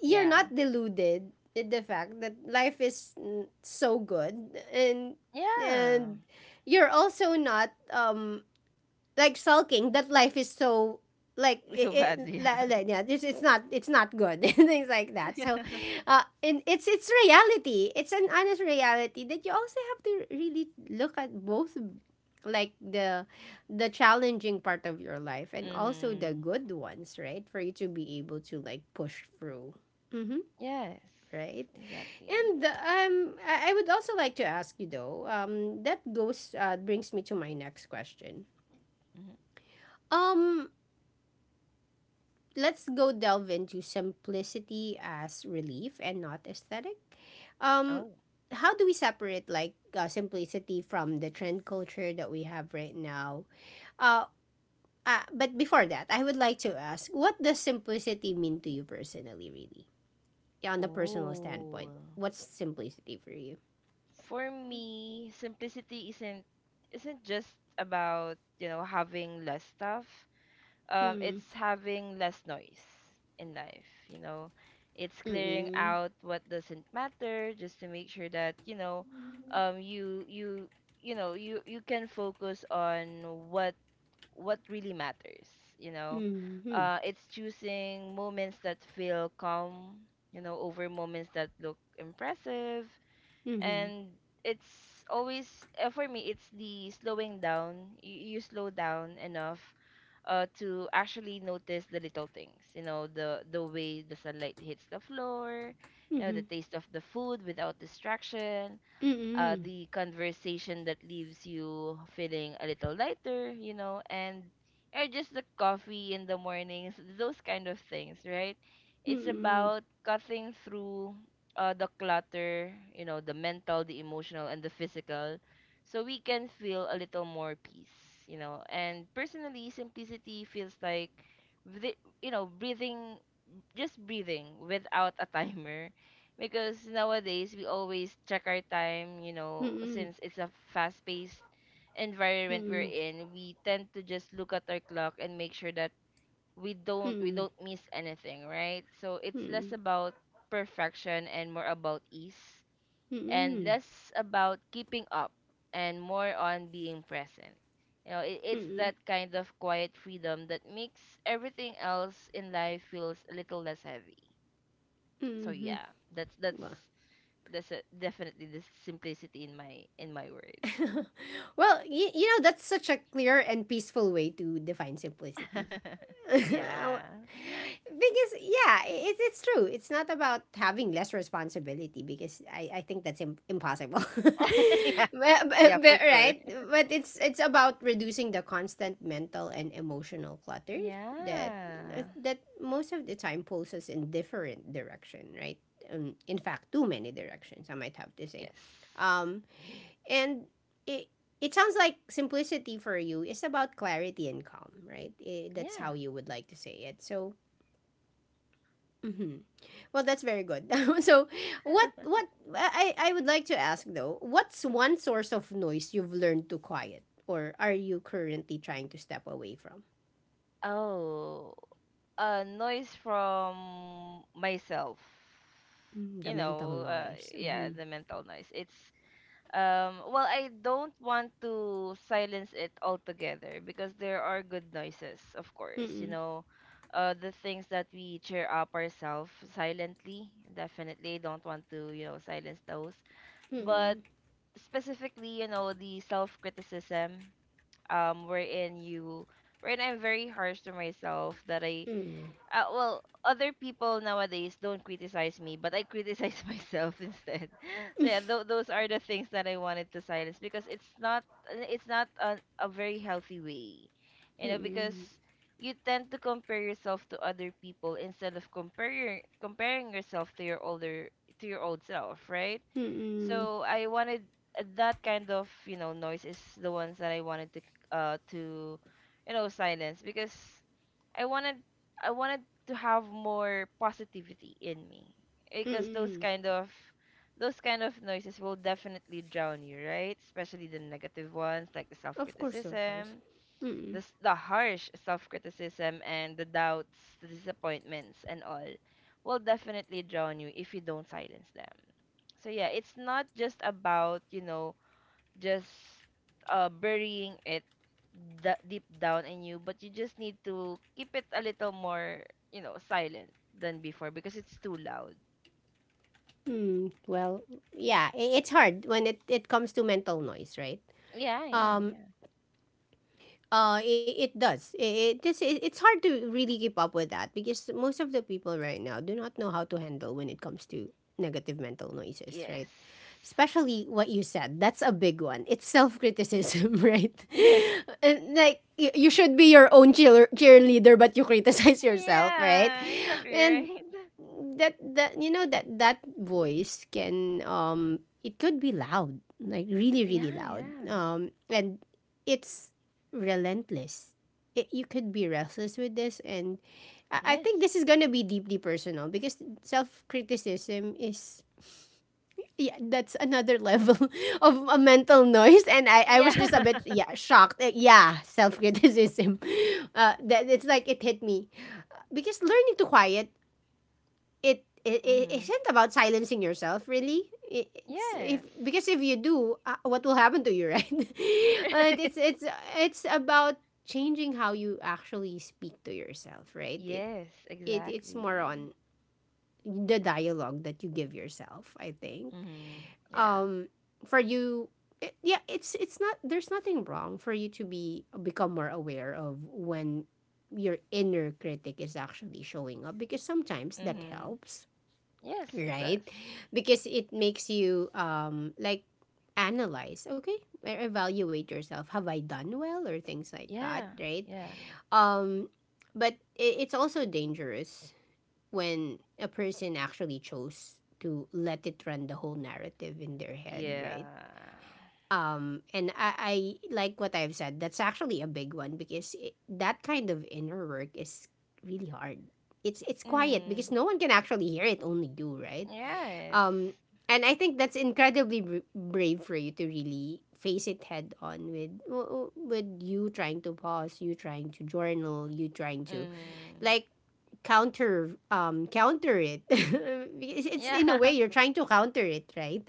S1: you're
S2: Yeah.
S1: not deluded in the fact that life is so good, and
S2: Yeah.
S1: and you're also not like sulking that life is so like
S2: It's so bad, yeah.
S1: yeah this it's not good and things like that so and it's reality. It's an honest reality that you also have to really look at both like the challenging part of your life and also the
S2: Mm.
S1: good ones, right, for you to be able to like push through. Mm-hmm,
S2: Yes.
S1: right.
S2: Exactly.
S1: And I would also like to ask you though, that goes brings me to my next question.
S2: Hmm.
S1: um let's go delve into simplicity as relief and not aesthetic. Um,
S2: Oh.
S1: how do we separate like simplicity from the trend culture that we have right now? Uh, but before that, I would like to ask, what does simplicity mean to you personally, really? Yeah, on the personal
S2: Ooh.
S1: standpoint, what's simplicity for you?
S2: For me, simplicity isn't just about, you know, having less stuff. um,
S1: Hmm.
S2: it's having less noise in life, you know. It's clearing
S1: Mm-mm.
S2: out what doesn't matter just to make sure that, you know, um you you you know, you can focus on what really matters, you know.
S1: Mm-hmm.
S2: Uh, it's choosing moments that feel calm, you know, over moments that look impressive
S1: Mm-hmm.
S2: and it's always for me it's the slowing down you slow down enough uh, to actually notice the little things, you know, the way the sunlight hits the floor, you know,
S1: Mm-hmm.
S2: the taste of the food without distraction,
S1: Mm-mm.
S2: the conversation that leaves you feeling a little lighter, you know, and or just the coffee in the mornings, those kind of things, right? It's
S1: Mm-mm.
S2: about cutting through the clutter, you know, the mental, the emotional, and the physical, so we can feel a little more peace, you know. And personally, simplicity feels like, the, you know, breathing, just breathing without a timer because nowadays we always check our time, you know,
S1: Mm-mm.
S2: since it's a fast paced environment we're
S1: Mm-mm.
S2: in, we tend to just look at our clock and make sure that we don't we
S1: Mm-mm.
S2: don't miss anything, right? So it's
S1: Mm-mm.
S2: less about perfection and more about ease, and
S1: Mm-mm.
S2: less about keeping up and more on being present. You know, it, it's
S1: Mm-mm.
S2: that kind of quiet freedom that makes everything else in life feels a little less heavy. So
S1: Hmm.
S2: yeah, that's that's
S1: Well,
S2: that's a, definitely the simplicity in my word.
S1: well, you know, that's such a clear and peaceful way to define simplicity. Because, yeah,
S2: Yeah.
S1: it's true. It's not about having less responsibility because I think that's impossible.
S2: Yeah. Yeah for
S1: But,
S2: sure.
S1: right? But it's about reducing the constant mental and emotional clutter that
S2: Yeah.
S1: most of the time pulls us in different direction, right? In fact, too many directions, I might have to say.
S2: Yes.
S1: Um, And it it sounds like simplicity for you is about clarity and calm, right? Eh, that's
S2: Yeah.
S1: how you would like to say it. So, mhm. Well, that's very good. So, what I would like to ask though, what's one source of noise you've learned to quiet, or are you currently trying to step away from?
S2: Oh, uh, noise from myself.
S1: Mm, the
S2: You
S1: mental
S2: know, uh
S1: noise.
S2: yeah
S1: Mm-hmm.
S2: the mental noise, it's, well, I don't want to silence it altogether because there are good noises, of course. You
S1: Mm-mm.
S2: know, the things that we cheer up ourselves silently. Definitely don't want to, you know, silence those. But
S1: Mm-mm.
S2: specifically, you know, the self-criticism, um, wherein you, wherein I'm very harsh to myself that I,
S1: Mm-mm.
S2: well other people nowadays don't criticize me but I criticize myself instead. So yeah, those are the things that I wanted to silence because it's not, it's not a, a very healthy way, you know, because
S1: Mm-mm.
S2: you tend to compare yourself to other people instead of comparing yourself to your older, to your old self, right?
S1: Mm-mm.
S2: So I wanted, that kind of you know noise is the ones that I wanted to, uh to you know, silence because I wanted I wanted to have more positivity in me because those
S1: Mm-mm.
S2: kind of those kind of noises will definitely drown you, right? Especially the negative ones like the
S1: Of course, of course.
S2: self-criticism,
S1: Mm-mm.
S2: the the harsh self-criticism and the doubts, the disappointments and all will definitely drown you if you don't silence them. So yeah, it's not just about, you know, just burying it deep down in you, but you just need to keep it a little more, you know, silent than before because it's too loud.
S1: Hmm. Well, yeah, it's hard when it comes to mental noise, right?
S2: Yeah, yeah,
S1: Um.
S2: yeah.
S1: It, it does. It's hard to really keep up with that because most of the people right now do not know how to handle when it comes to negative mental noises,
S2: Yes.
S1: right? Especially what you said. That's a big one. It's self criticism, right?
S2: Yes.
S1: And like you should be your own cheerleader, but you criticize yourself, right?
S2: Yeah, exactly
S1: And
S2: right.
S1: that you know that voice can it could be loud like really, really
S2: Yeah,
S1: loud,
S2: yeah.
S1: and it's relentless. You could be restless with this. And I think
S2: Yes.
S1: this is gonna be deeply personal because self-criticism is yeah, that's another level of a mental noise. And I was just a
S2: Yeah.
S1: bit, yeah, shocked. Yeah, self-criticism, that it's like it hit me. Because learning to quiet it
S2: Mm-hmm.
S1: isn't about silencing yourself really. It's,
S2: Yes.
S1: if because if you do, what will happen to you, right? Uh, it's it's it's about changing how you actually speak to yourself, right? it
S2: Yes,
S1: It's more
S2: exactly.
S1: on the dialogue that you give yourself, I think.
S2: Mm-hmm. Yeah.
S1: um for you, yeah it's not, there's nothing wrong for you to be become more aware of when your inner critic is actually showing up because sometimes that
S2: Mm-hmm.
S1: helps,
S2: Yes, it does.
S1: right? Because it makes you like analyze, okay? Or evaluate yourself. Have I done well or things like that,
S2: Yeah,
S1: right?
S2: yeah.
S1: Um, but it's also dangerous when a person actually chose to let it run the whole narrative in their head,
S2: Yeah.
S1: right? Um, and I like what I've said. That's actually a big one because that kind of inner work is really hard. It's quiet
S2: Mm.
S1: because no one can actually hear it, only you, right?
S2: Yes.
S1: Um, and I think that's incredibly brave for you to really face it head on with you trying to pause, you trying to journal, you trying to
S2: Mm.
S1: like counter it. Because it's, in a way,
S2: Yeah.
S1: you're trying to counter it, right?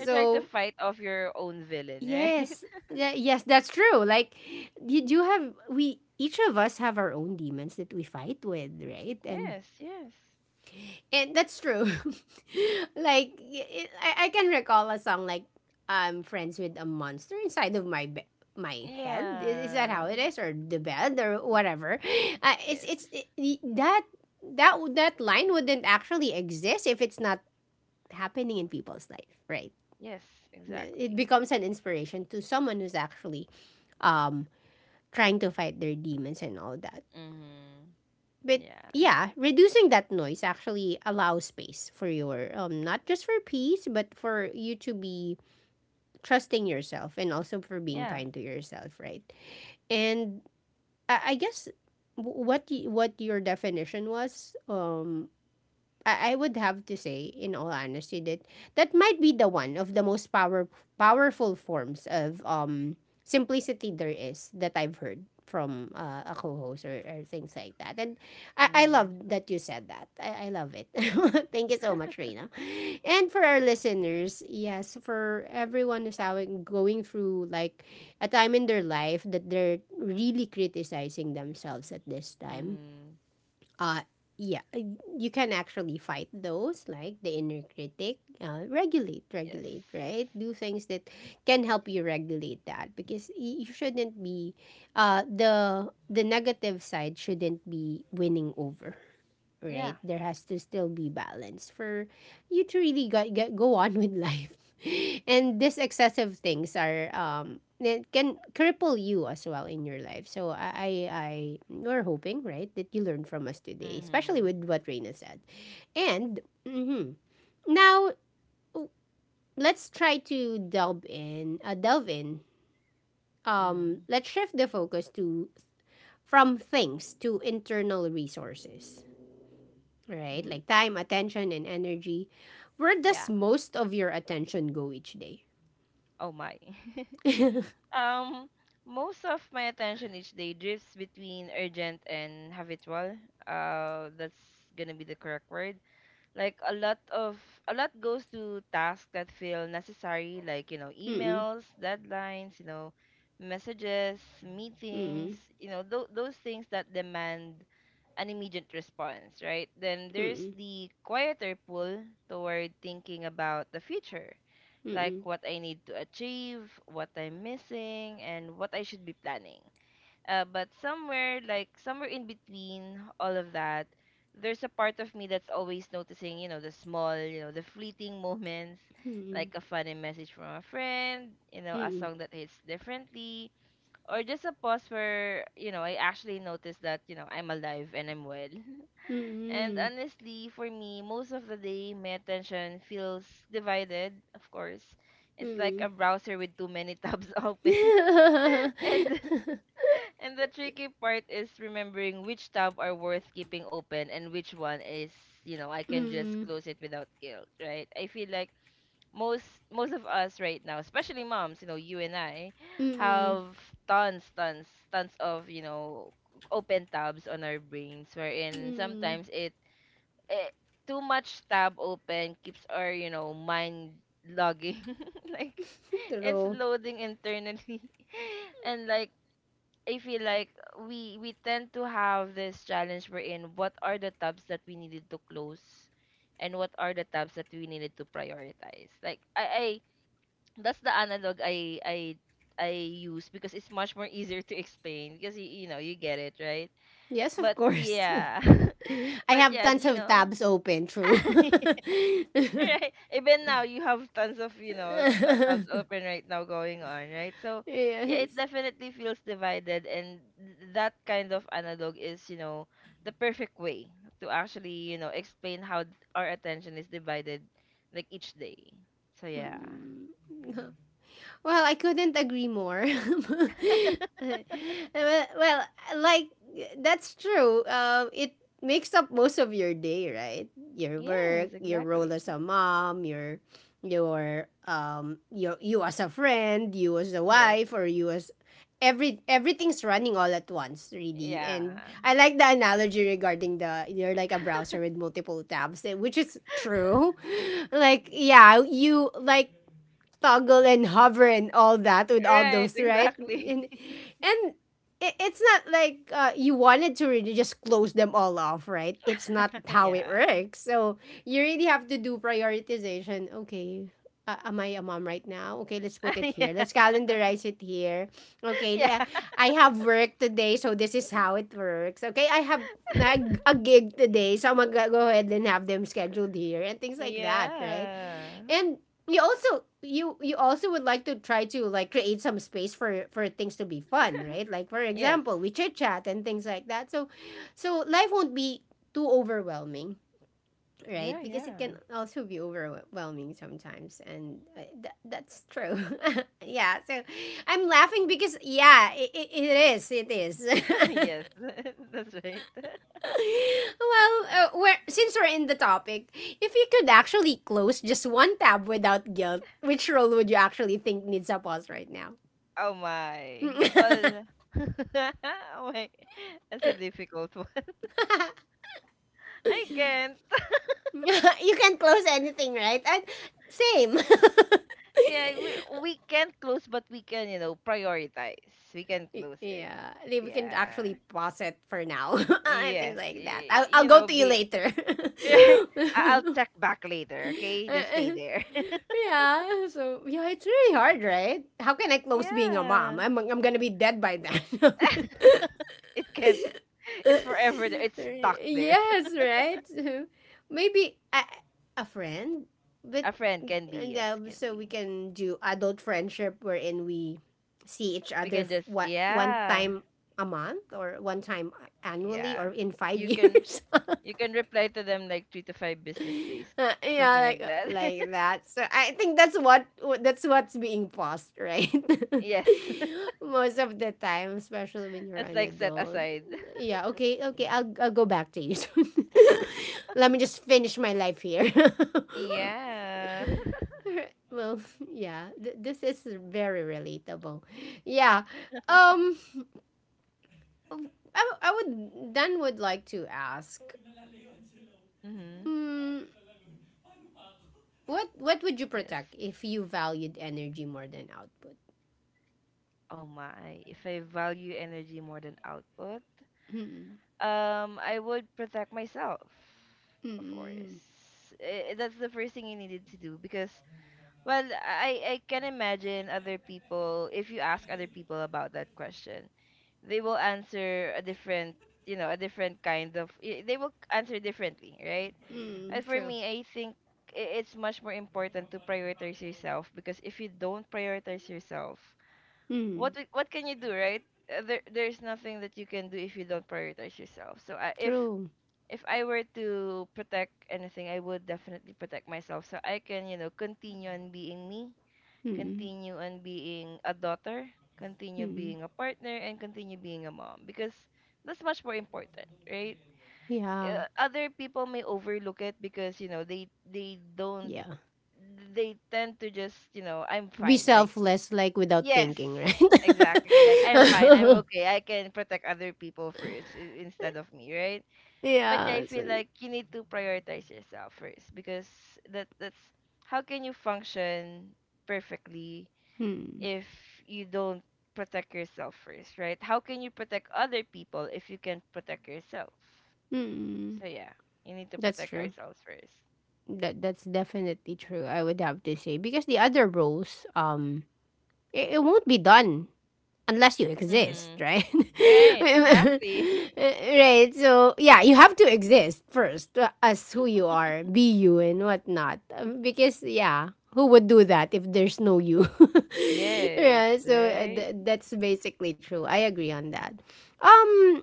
S2: You're trying to fight off your own villain, right?
S1: yes. Yeah, yes, that's true. Like you do have we, each of us have our own demons that we fight with, right? And
S2: Yes, yes.
S1: that's true. Like I can recall a song like I'm friends with a monster inside of my my head. Is that how
S2: Yeah.
S1: it is, or the bed, or whatever?
S2: Yes.
S1: It's it, that that That line wouldn't actually exist if it's not happening in people's life, right?
S2: Yes,
S1: No, it
S2: exactly.
S1: becomes an inspiration to someone who's actually um trying to fight their demons and all that.
S2: Mm-hmm.
S1: But
S2: Yeah.
S1: yeah, reducing that noise actually allows space for your, not just for peace, but for you to be trusting yourself and also for being
S2: Yeah.
S1: kind to yourself, right? And I guess what your definition was, I would have to say, in all honesty, that that might be the one of the most powerful forms of simplicity there is that I've heard from a co-host or things like that. And I
S2: Mm-hmm.
S1: love that you said that. I love it. Thank you so much, Reina. And for our listeners, yes, for everyone who's going through like a time in their life that they're really criticizing themselves at this time,
S2: Mm-hmm.
S1: uh, yeah, uh, you can actually fight those, like the inner critic. Regulate,
S2: Yes.
S1: regulate, right? Do things that can help you regulate that because you shouldn't be, the negative side shouldn't be winning over, right?
S2: Yeah.
S1: There has to still be balance for you to really go on with life. And these excessive things are that can cripple you as well in your life. So I, we're hoping, right, that you learn from us today, especially
S2: Mm-hmm.
S1: with what Reina said. And mhm. Now, w- let's try to delve in, delve in.
S2: Mm-hmm.
S1: Let's shift the focus to from things to internal resources, right?
S2: Mm-hmm.
S1: Like time, attention, and energy. Where does
S2: Yeah.
S1: most of your attention go each day?
S2: Oh my. Um, most of my attention each day drifts between urgent and habitual. That's gonna be the correct word. Like a lot goes to tasks that feel necessary, like you know,
S1: Mm-mm,
S2: emails, deadlines, you know, messages, meetings,
S1: mm-mm,
S2: you know, those things that demand an immediate response, right? Then there's the quieter pull toward thinking about the future,
S1: mm-mm,
S2: like
S1: mm-mm,
S2: what I need to achieve, what I'm missing, and what I should be planning. But somewhere, like somewhere in between all of that, there's a part of me that's always noticing, you know, the small, you know, the fleeting moments, like a funny message from a friend, you know, a
S1: mm-mm,
S2: song that hits differently, or just a pause where, you know, I actually notice that, you know, I'm alive and I'm well. And honestly, for me, most of the day, my attention feels divided, of course.
S1: mm-mm,
S2: It's like
S1: mm-mm,
S2: a browser with too many tabs open.
S1: mm-mm.
S2: And and the tricky part is remembering which tab are worth keeping open and which one is, you know, I can just
S1: Mm,
S2: close it without guilt, right? I feel like most of us right now, especially moms, you know, you and I,
S1: mm,
S2: have tons, tons, tons of, you know, open tabs on our brains wherein
S1: mm.
S2: sometimes it, eh, too much tab open keeps our you know mind logging like it's
S1: True.
S2: loading internally and like I feel like we tend to have this challenge wherein what are the tabs that we needed to close and what are the tabs that we needed to prioritize, like I that's the analog I use because it's much more easier to explain because you know you get it, right?
S1: Yes, of
S2: But
S1: course.
S2: yeah,
S1: I
S2: but
S1: have
S2: yeah,
S1: tons
S2: you
S1: of
S2: know,
S1: tabs open, true.
S2: right. Even now, you have tons of, you know, tabs open right now going on, right? So, yeah, it
S1: Yes.
S2: definitely feels divided. And that kind of analog is, you know, the perfect way to actually, you know, explain how our attention is divided, like each day. So, yeah.
S1: Mm. Well, I couldn't agree more. well, well, like, that's true. It makes up most of your day, right? Your work,
S2: Yes,
S1: your
S2: exactly.
S1: role as a mom, your you as a friend, you as a
S2: Yes.
S1: wife, or you as everything's running all at once, really.
S2: Yeah.
S1: And I like the analogy regarding the you're like a browser with multiple tabs, eh, which is true. Like yeah, you like toggle and hover and all that with all
S2: Right,
S1: those, right?
S2: exactly.
S1: And and it's not like, you wanted to really just close them all off, right? It's not how it
S2: Yeah.
S1: works. So you really have to do prioritization. Okay, am I a mom right now? Okay, let's put it
S2: Yeah.
S1: here. Let's calendarize it here. Okay,
S2: Yeah.
S1: I have work today, so this is how it works. Okay, I have like, a gig today, so I'm gonna go ahead and have them scheduled here and things like that, right?
S2: Yeah.
S1: And you also would like to try to like create some space for things to be fun, right? Like, for
S2: Yes.
S1: example, we chit chat and things like that, so so life won't be too overwhelming, right?
S2: Yeah,
S1: Because it
S2: yeah.
S1: can also be overwhelming sometimes. And that's true. Yeah, so I'm laughing because yeah, it is, it is.
S2: Yes, that's right.
S1: Well, since we're in the topic, if you could actually close just one tab without guilt, which role would you actually think needs a pause right now?
S2: Oh
S1: You
S2: my. Well, oh my. That's a difficult one. I can't.
S1: can close anything, right? And same.
S2: Yeah, we can't close, but we can, you know, prioritize. We can close it.
S1: Yeah, like, we can
S2: Yeah.
S1: actually pause it for now. And things
S2: Yes.
S1: like that. I'll
S2: You
S1: go
S2: know,
S1: to you
S2: be
S1: later.
S2: right. I- I'll check back later. Okay, just stay there.
S1: Yeah, so yeah, it's really hard, right? How can I close being a mom?
S2: Yeah.
S1: I'm gonna be dead by then.
S2: It can't. It's forever there. It's stuck there.
S1: Yes, right. So maybe a friend, but
S2: A friend can be.
S1: and,
S2: Yes, can
S1: so we
S2: be.
S1: can do adult friendship wherein we see each
S2: We
S1: other
S2: can
S1: f-
S2: just.
S1: what one
S2: Yeah.
S1: time a month or one time annually or
S2: Yeah.
S1: in five
S2: You can
S1: years.
S2: you can reply to them like three to five business days.
S1: Yeah,
S2: Something like that.
S1: like that. So I think that's what that's what's being passed, right?
S2: Yes.
S1: Most of the time, especially when you're
S2: That's
S1: an
S2: like set
S1: adult.
S2: aside.
S1: Yeah. Okay. Okay. I'll go back to you soon. Let me just finish my life here.
S2: Yeah.
S1: Well, yeah. This is very relatable. Yeah. Um. I would then would like to ask.
S2: Mm-hmm.
S1: Mm, what would you
S2: Yes.
S1: protect if you valued energy more than output?
S2: Oh my. If I value energy more than output,
S1: Mm-mm.
S2: I would protect myself, of
S1: Mm-mm.
S2: course. Eh, that's the first thing you needed to do because, well, I can imagine other people. If you ask other people about that question, they will answer a different, you know, a different kind of, they will answer differently, right? And
S1: Mm-mm.
S2: for
S1: True.
S2: me I think it's much more important to prioritize yourself because if you don't prioritize yourself,
S1: Mm.
S2: what can you do, right? There's nothing that you can do if you don't prioritize yourself. So I, if
S1: True.
S2: if i were to protect anything, I would definitely protect myself so I can, you know, continue on being me,
S1: Mm-mm.
S2: continue on being a daughter, continue
S1: Mm-mm.
S2: being a partner, and continue being a mom because that's much more important, right?
S1: Yeah.
S2: Other people may overlook it because you know they don't,
S1: Yeah.
S2: they tend to just, you know, I'm
S1: Be
S2: fine, like,
S1: selfless, like without
S2: yes
S1: thinking, right?
S2: exactly, like I'm fine, I'm okay, I can protect other people first instead of me, right? But yeah, I
S1: Yeah.
S2: feel
S1: So,
S2: like you need to prioritize yourself first because that's how can you function perfectly
S1: mm.
S2: if you don't protect yourself first, right? How can you protect other people if you can protect yourself?
S1: Mm-mm.
S2: So yeah, you need to
S1: That's
S2: protect
S1: true.
S2: ourselves first.
S1: That that's definitely true. I would have to say because the other roles, it won't be done unless you exist,
S2: Mm-hmm.
S1: right?
S2: Right, exactly.
S1: Right. So yeah, you have to exist first, as who you are, be you and whatnot. Because yeah, who would do that if there's no you?
S2: Yes,
S1: Yeah. So
S2: right?
S1: that's basically true. I agree on that. Um.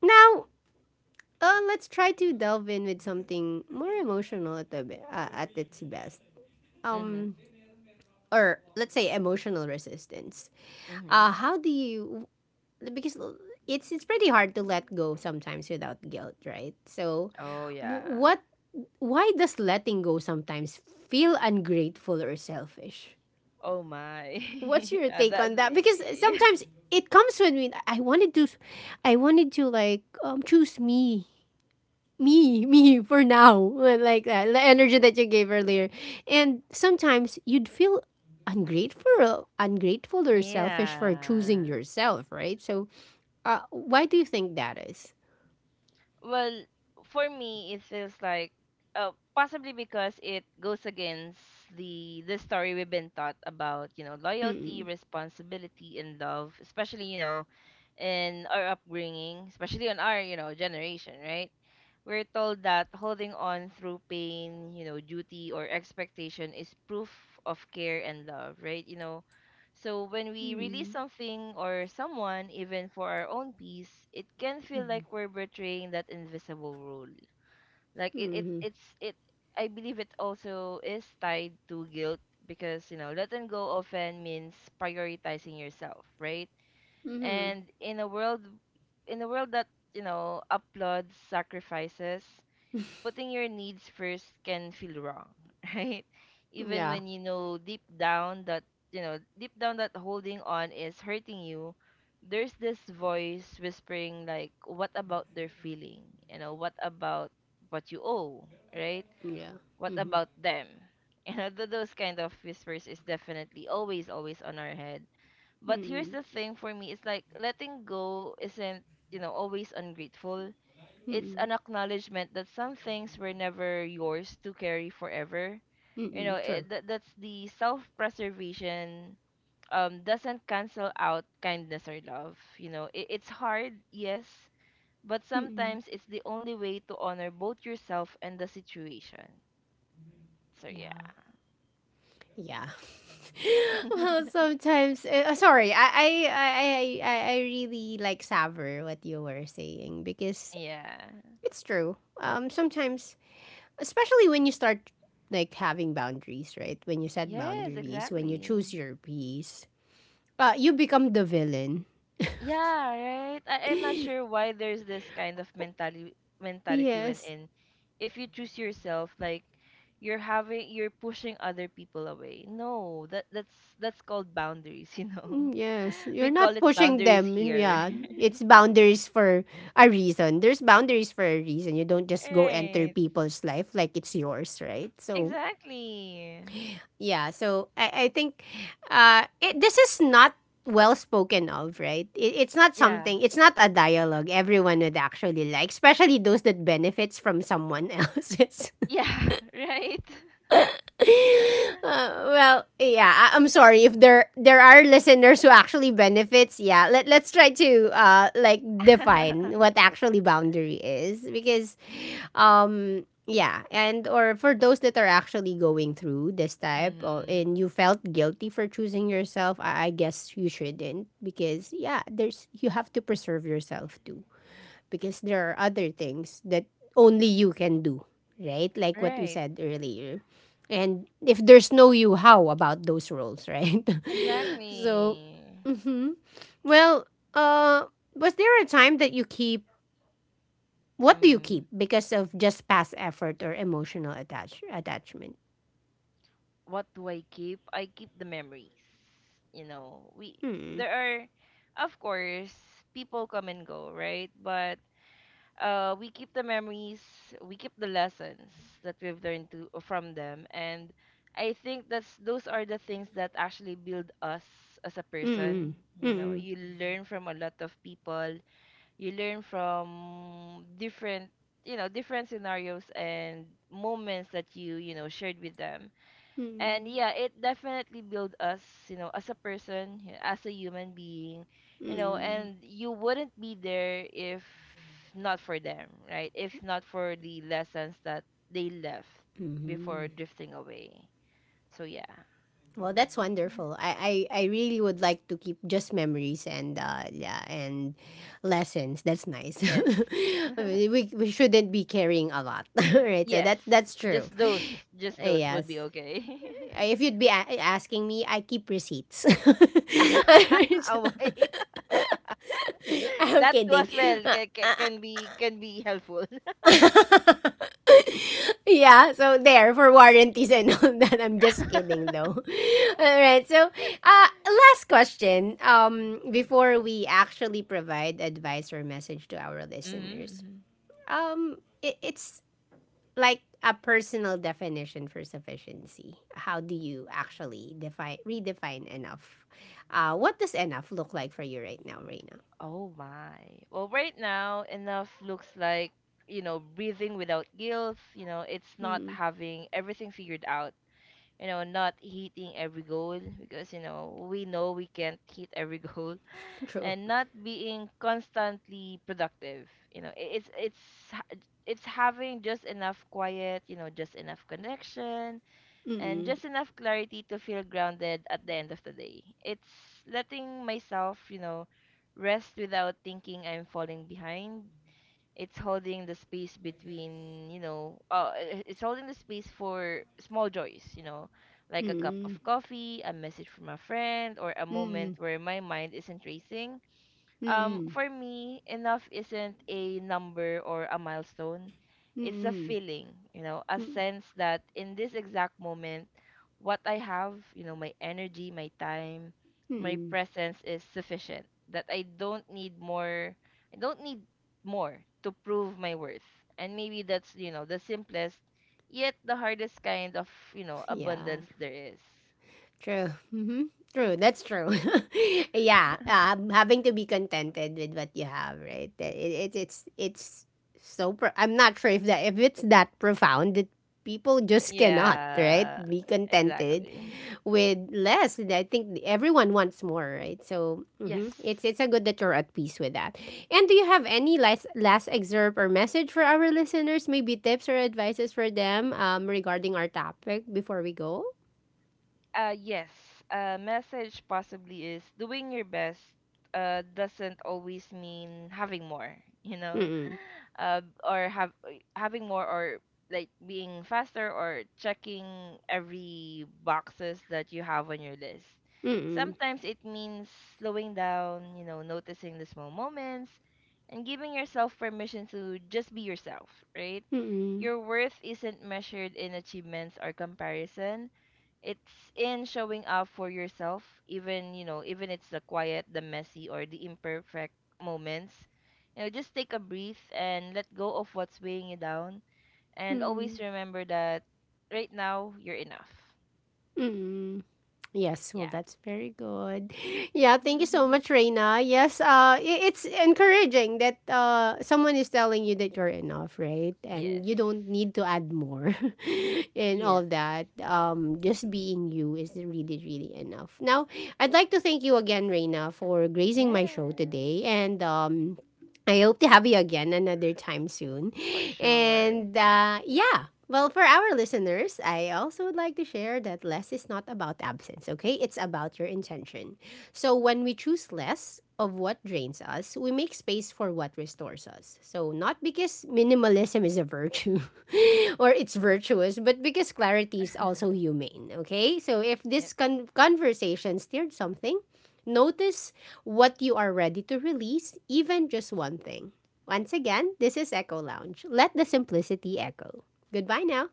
S1: Now. Let's try to delve in with something more emotional at at its best.
S2: Mm-hmm.
S1: Um, or let's say emotional resistance.
S2: Mm-hmm.
S1: How do you? Because it's pretty hard to let go sometimes without guilt, right? So,
S2: Oh yeah.
S1: what why does letting go sometimes feel ungrateful or selfish?
S2: Oh my.
S1: What's your take
S2: That,
S1: on that? Because
S2: yeah.
S1: sometimes it comes when we I wanted to I wanted to choose me for now, like that, the energy that you gave earlier. And sometimes you'd feel ungrateful or selfish for choosing
S2: Yeah.
S1: yourself, right? So, why do you think that is?
S2: Well, for me, it feels like possibly because it goes against the story we've been taught about, you know, loyalty,
S1: Mm-mm.
S2: responsibility, and love, especially you know, in our upbringing, especially on our you know generation, right? We're told that holding on through pain, you know, duty or expectation is proof of care and love, right? So when we
S1: Mm.
S2: release something or someone, even for our own peace, it can feel like we're betraying that invisible rule. Like it
S1: Mhm.
S2: it's it I believe it also is tied to guilt because letting go often means prioritizing yourself, right?
S1: Mhm.
S2: And in a world that, applauds sacrifices, putting your needs first can feel wrong, right? Even
S1: Yeah.
S2: when you know deep down that holding on is hurting you, there's this voice whispering, like, what about their feeling? You know, what about what you owe, right?
S1: Yeah.
S2: What
S1: Mhm.
S2: about them? You know, those kind of whispers is definitely always, always on our head. But here's
S1: Mm.
S2: the thing for me, it's like letting go isn't, you know, always ungrateful,
S1: Mm.
S2: it's
S1: Mm.
S2: an acknowledgement that some things were never yours to carry forever. You know,
S1: Mm. True.
S2: that's the self preservation doesn't cancel out kindness or love. You know, it's hard, yes, but
S1: Mm.
S2: sometimes it's the only way to honor both yourself and the situation. So,
S1: Yeah.
S2: yeah.
S1: Yeah. Well, sometimes. Sorry, I really like savor what you were saying because
S2: Yeah.
S1: it's true. Sometimes, especially when you start like having boundaries, right? When you set
S2: Yes,
S1: boundaries, when you
S2: exactly.
S1: choose your peace, you become the villain.
S2: Yeah, right. I'm not sure why there's this kind of mentality when
S1: Yes.
S2: in if you choose yourself, like you're pushing other people away. No, that's that's called boundaries, you
S1: Mm,
S2: know.
S1: yes,
S2: We
S1: you're not
S2: call it
S1: pushing
S2: boundaries
S1: them. And
S2: here.
S1: yeah, it's boundaries for a reason. There's boundaries for a reason. You don't just go enter
S2: Right.
S1: people's life like it's yours, right? So
S2: Exactly.
S1: yeah, so I think this is not well spoken of, right? It's not
S2: Yeah.
S1: something, it's not a dialogue everyone would actually like, especially those that benefits from someone else's
S2: Yeah, right.
S1: Well, yeah, I'm sorry if there are listeners who actually benefits. Yeah, let let's try to like define what actually boundary is because yeah, and or for those that are actually going through this type of,
S2: Mhm.
S1: and you felt guilty for choosing yourself, I guess you shouldn't because yeah, there's you have to preserve yourself too, because there are other things that only you can do, right? Like what we
S2: Right.
S1: said earlier. And if there's no you, how about those roles, right? So,
S2: Exactly.
S1: hmm, well, uh, was there a time that you keep? What do you keep
S2: Mhm.
S1: because of just past effort or emotional attachment?
S2: What do I keep? I keep the memories. You know, we
S1: Mm.
S2: there are of course people come and go, right? But we keep the memories, we keep the lessons that we've learned to from them, and I think that's those are the things that actually build us as a
S1: Mm.
S2: person. You know,
S1: Mm.
S2: you learn from a lot of people, you learn from different different scenarios and moments that you know shared with them, and
S1: Mm.
S2: yeah, it definitely built us, you know, as a person, as a human being,
S1: Mm.
S2: you know,
S1: Mm.
S2: and you wouldn't be there if not for them, right, if not for the lessons that they left before
S1: Mm.
S2: drifting away. So yeah.
S1: Well, that's wonderful. I really would like to keep just memories and yeah, and lessons. That's nice.
S2: Yes.
S1: We shouldn't be carrying a lot, right? So
S2: Yes,
S1: that's true.
S2: just those, just those would
S1: Yes.
S2: be okay.
S1: If you'd be asking me, I keep receipts.
S2: Oh my.
S1: I'm
S2: That too
S1: kidding.
S2: as well can, be helpful.
S1: Yeah, so there for warranties and all that. I'm just kidding though. All right. So, uh, last question, um, before we actually provide advice or message to our listeners.
S2: Mm-hmm.
S1: Um, it's like a personal definition for sufficiency. How do you actually define redefine enough? Uh, what does enough look like for you right now, Reina?
S2: Oh my. Well, right now, enough looks like, you know, breathing without guilt. You know, it's not
S1: Mm.
S2: having everything figured out. You know, not hitting every goal because, you know we can't hit every goal,
S1: True.
S2: and not being constantly productive. You know, ha- it's having just enough quiet, you know, just enough connection, and
S1: Mm.
S2: just enough clarity to feel grounded at the end of the day. It's letting myself, you know, rest without thinking I'm falling behind. It's holding the space between, you know, I- it's holding the space for small joys, you know, like a cup
S1: Mm.
S2: of coffee, a message from a friend, or a
S1: Mm.
S2: moment where my mind isn't racing.
S1: Mm. Mm.
S2: For me, enough isn't a number or a milestone. It's a
S1: Mm.
S2: feeling, you know, a
S1: Mm.
S2: sense that in this exact moment, what I have, you know, my energy, my time, my
S1: Mm.
S2: presence is sufficient. That I don't need more, I don't need more to prove my worth. And maybe that's, you know, the simplest, yet the hardest kind of, you know,
S1: Yeah,
S2: abundance there is.
S1: true. Hmm. True, that's true. Yeah, having to be contented with what you have, right? It's it's so. I'm not sure if that if it's that profound that people just cannot, right?
S2: Yeah,
S1: Be contented
S2: exactly.
S1: with less. And I think everyone wants more, right? So hmm,
S2: Yes.
S1: it's a good that you're at peace with that. And do you have any last excerpt or message for our listeners? Maybe tips or advices for them, regarding our topic before we go.
S2: Uh, yes, message possibly is doing your best, doesn't always mean having more, you know,
S1: Mm.
S2: or have having more, or like being faster, or checking every boxes that you have on your list.
S1: Mm.
S2: Sometimes it means slowing down, you know, noticing the small moments and giving yourself permission to just be yourself, right?
S1: Mm.
S2: Your worth isn't measured in achievements or comparison, it's in showing up for yourself, even, you know, even it's the quiet, the messy, or the imperfect moments. You know, just take a breath and let go of what's weighing you down. And
S1: Mm.
S2: always remember that right now you're enough.
S1: Mm. Yes, well,
S2: Yeah.
S1: that's very good. Yeah, thank you so much, Reina. Yes, it's encouraging that someone is telling you that you're enough, right?
S2: Yes.
S1: And you don't need to add more and
S2: Yes.
S1: all that. Just being you is really, really enough. Now, I'd like to thank you again, Reina, for gracing my show
S2: Yes.
S1: today. And I hope to have you again another time soon.
S2: For sure.
S1: And yeah, well, for our listeners, I also would like to share that less is not about absence, okay? It's about your intention. So when we choose less of what drains us, we make space for what restores us. So not because minimalism is a virtue or it's virtuous, but because clarity is also humane, okay? So if this conversation stirred something, notice what you are ready to release, even just one thing. Once again, this is Echo Lounge. Let the simplicity echo. Goodbye now.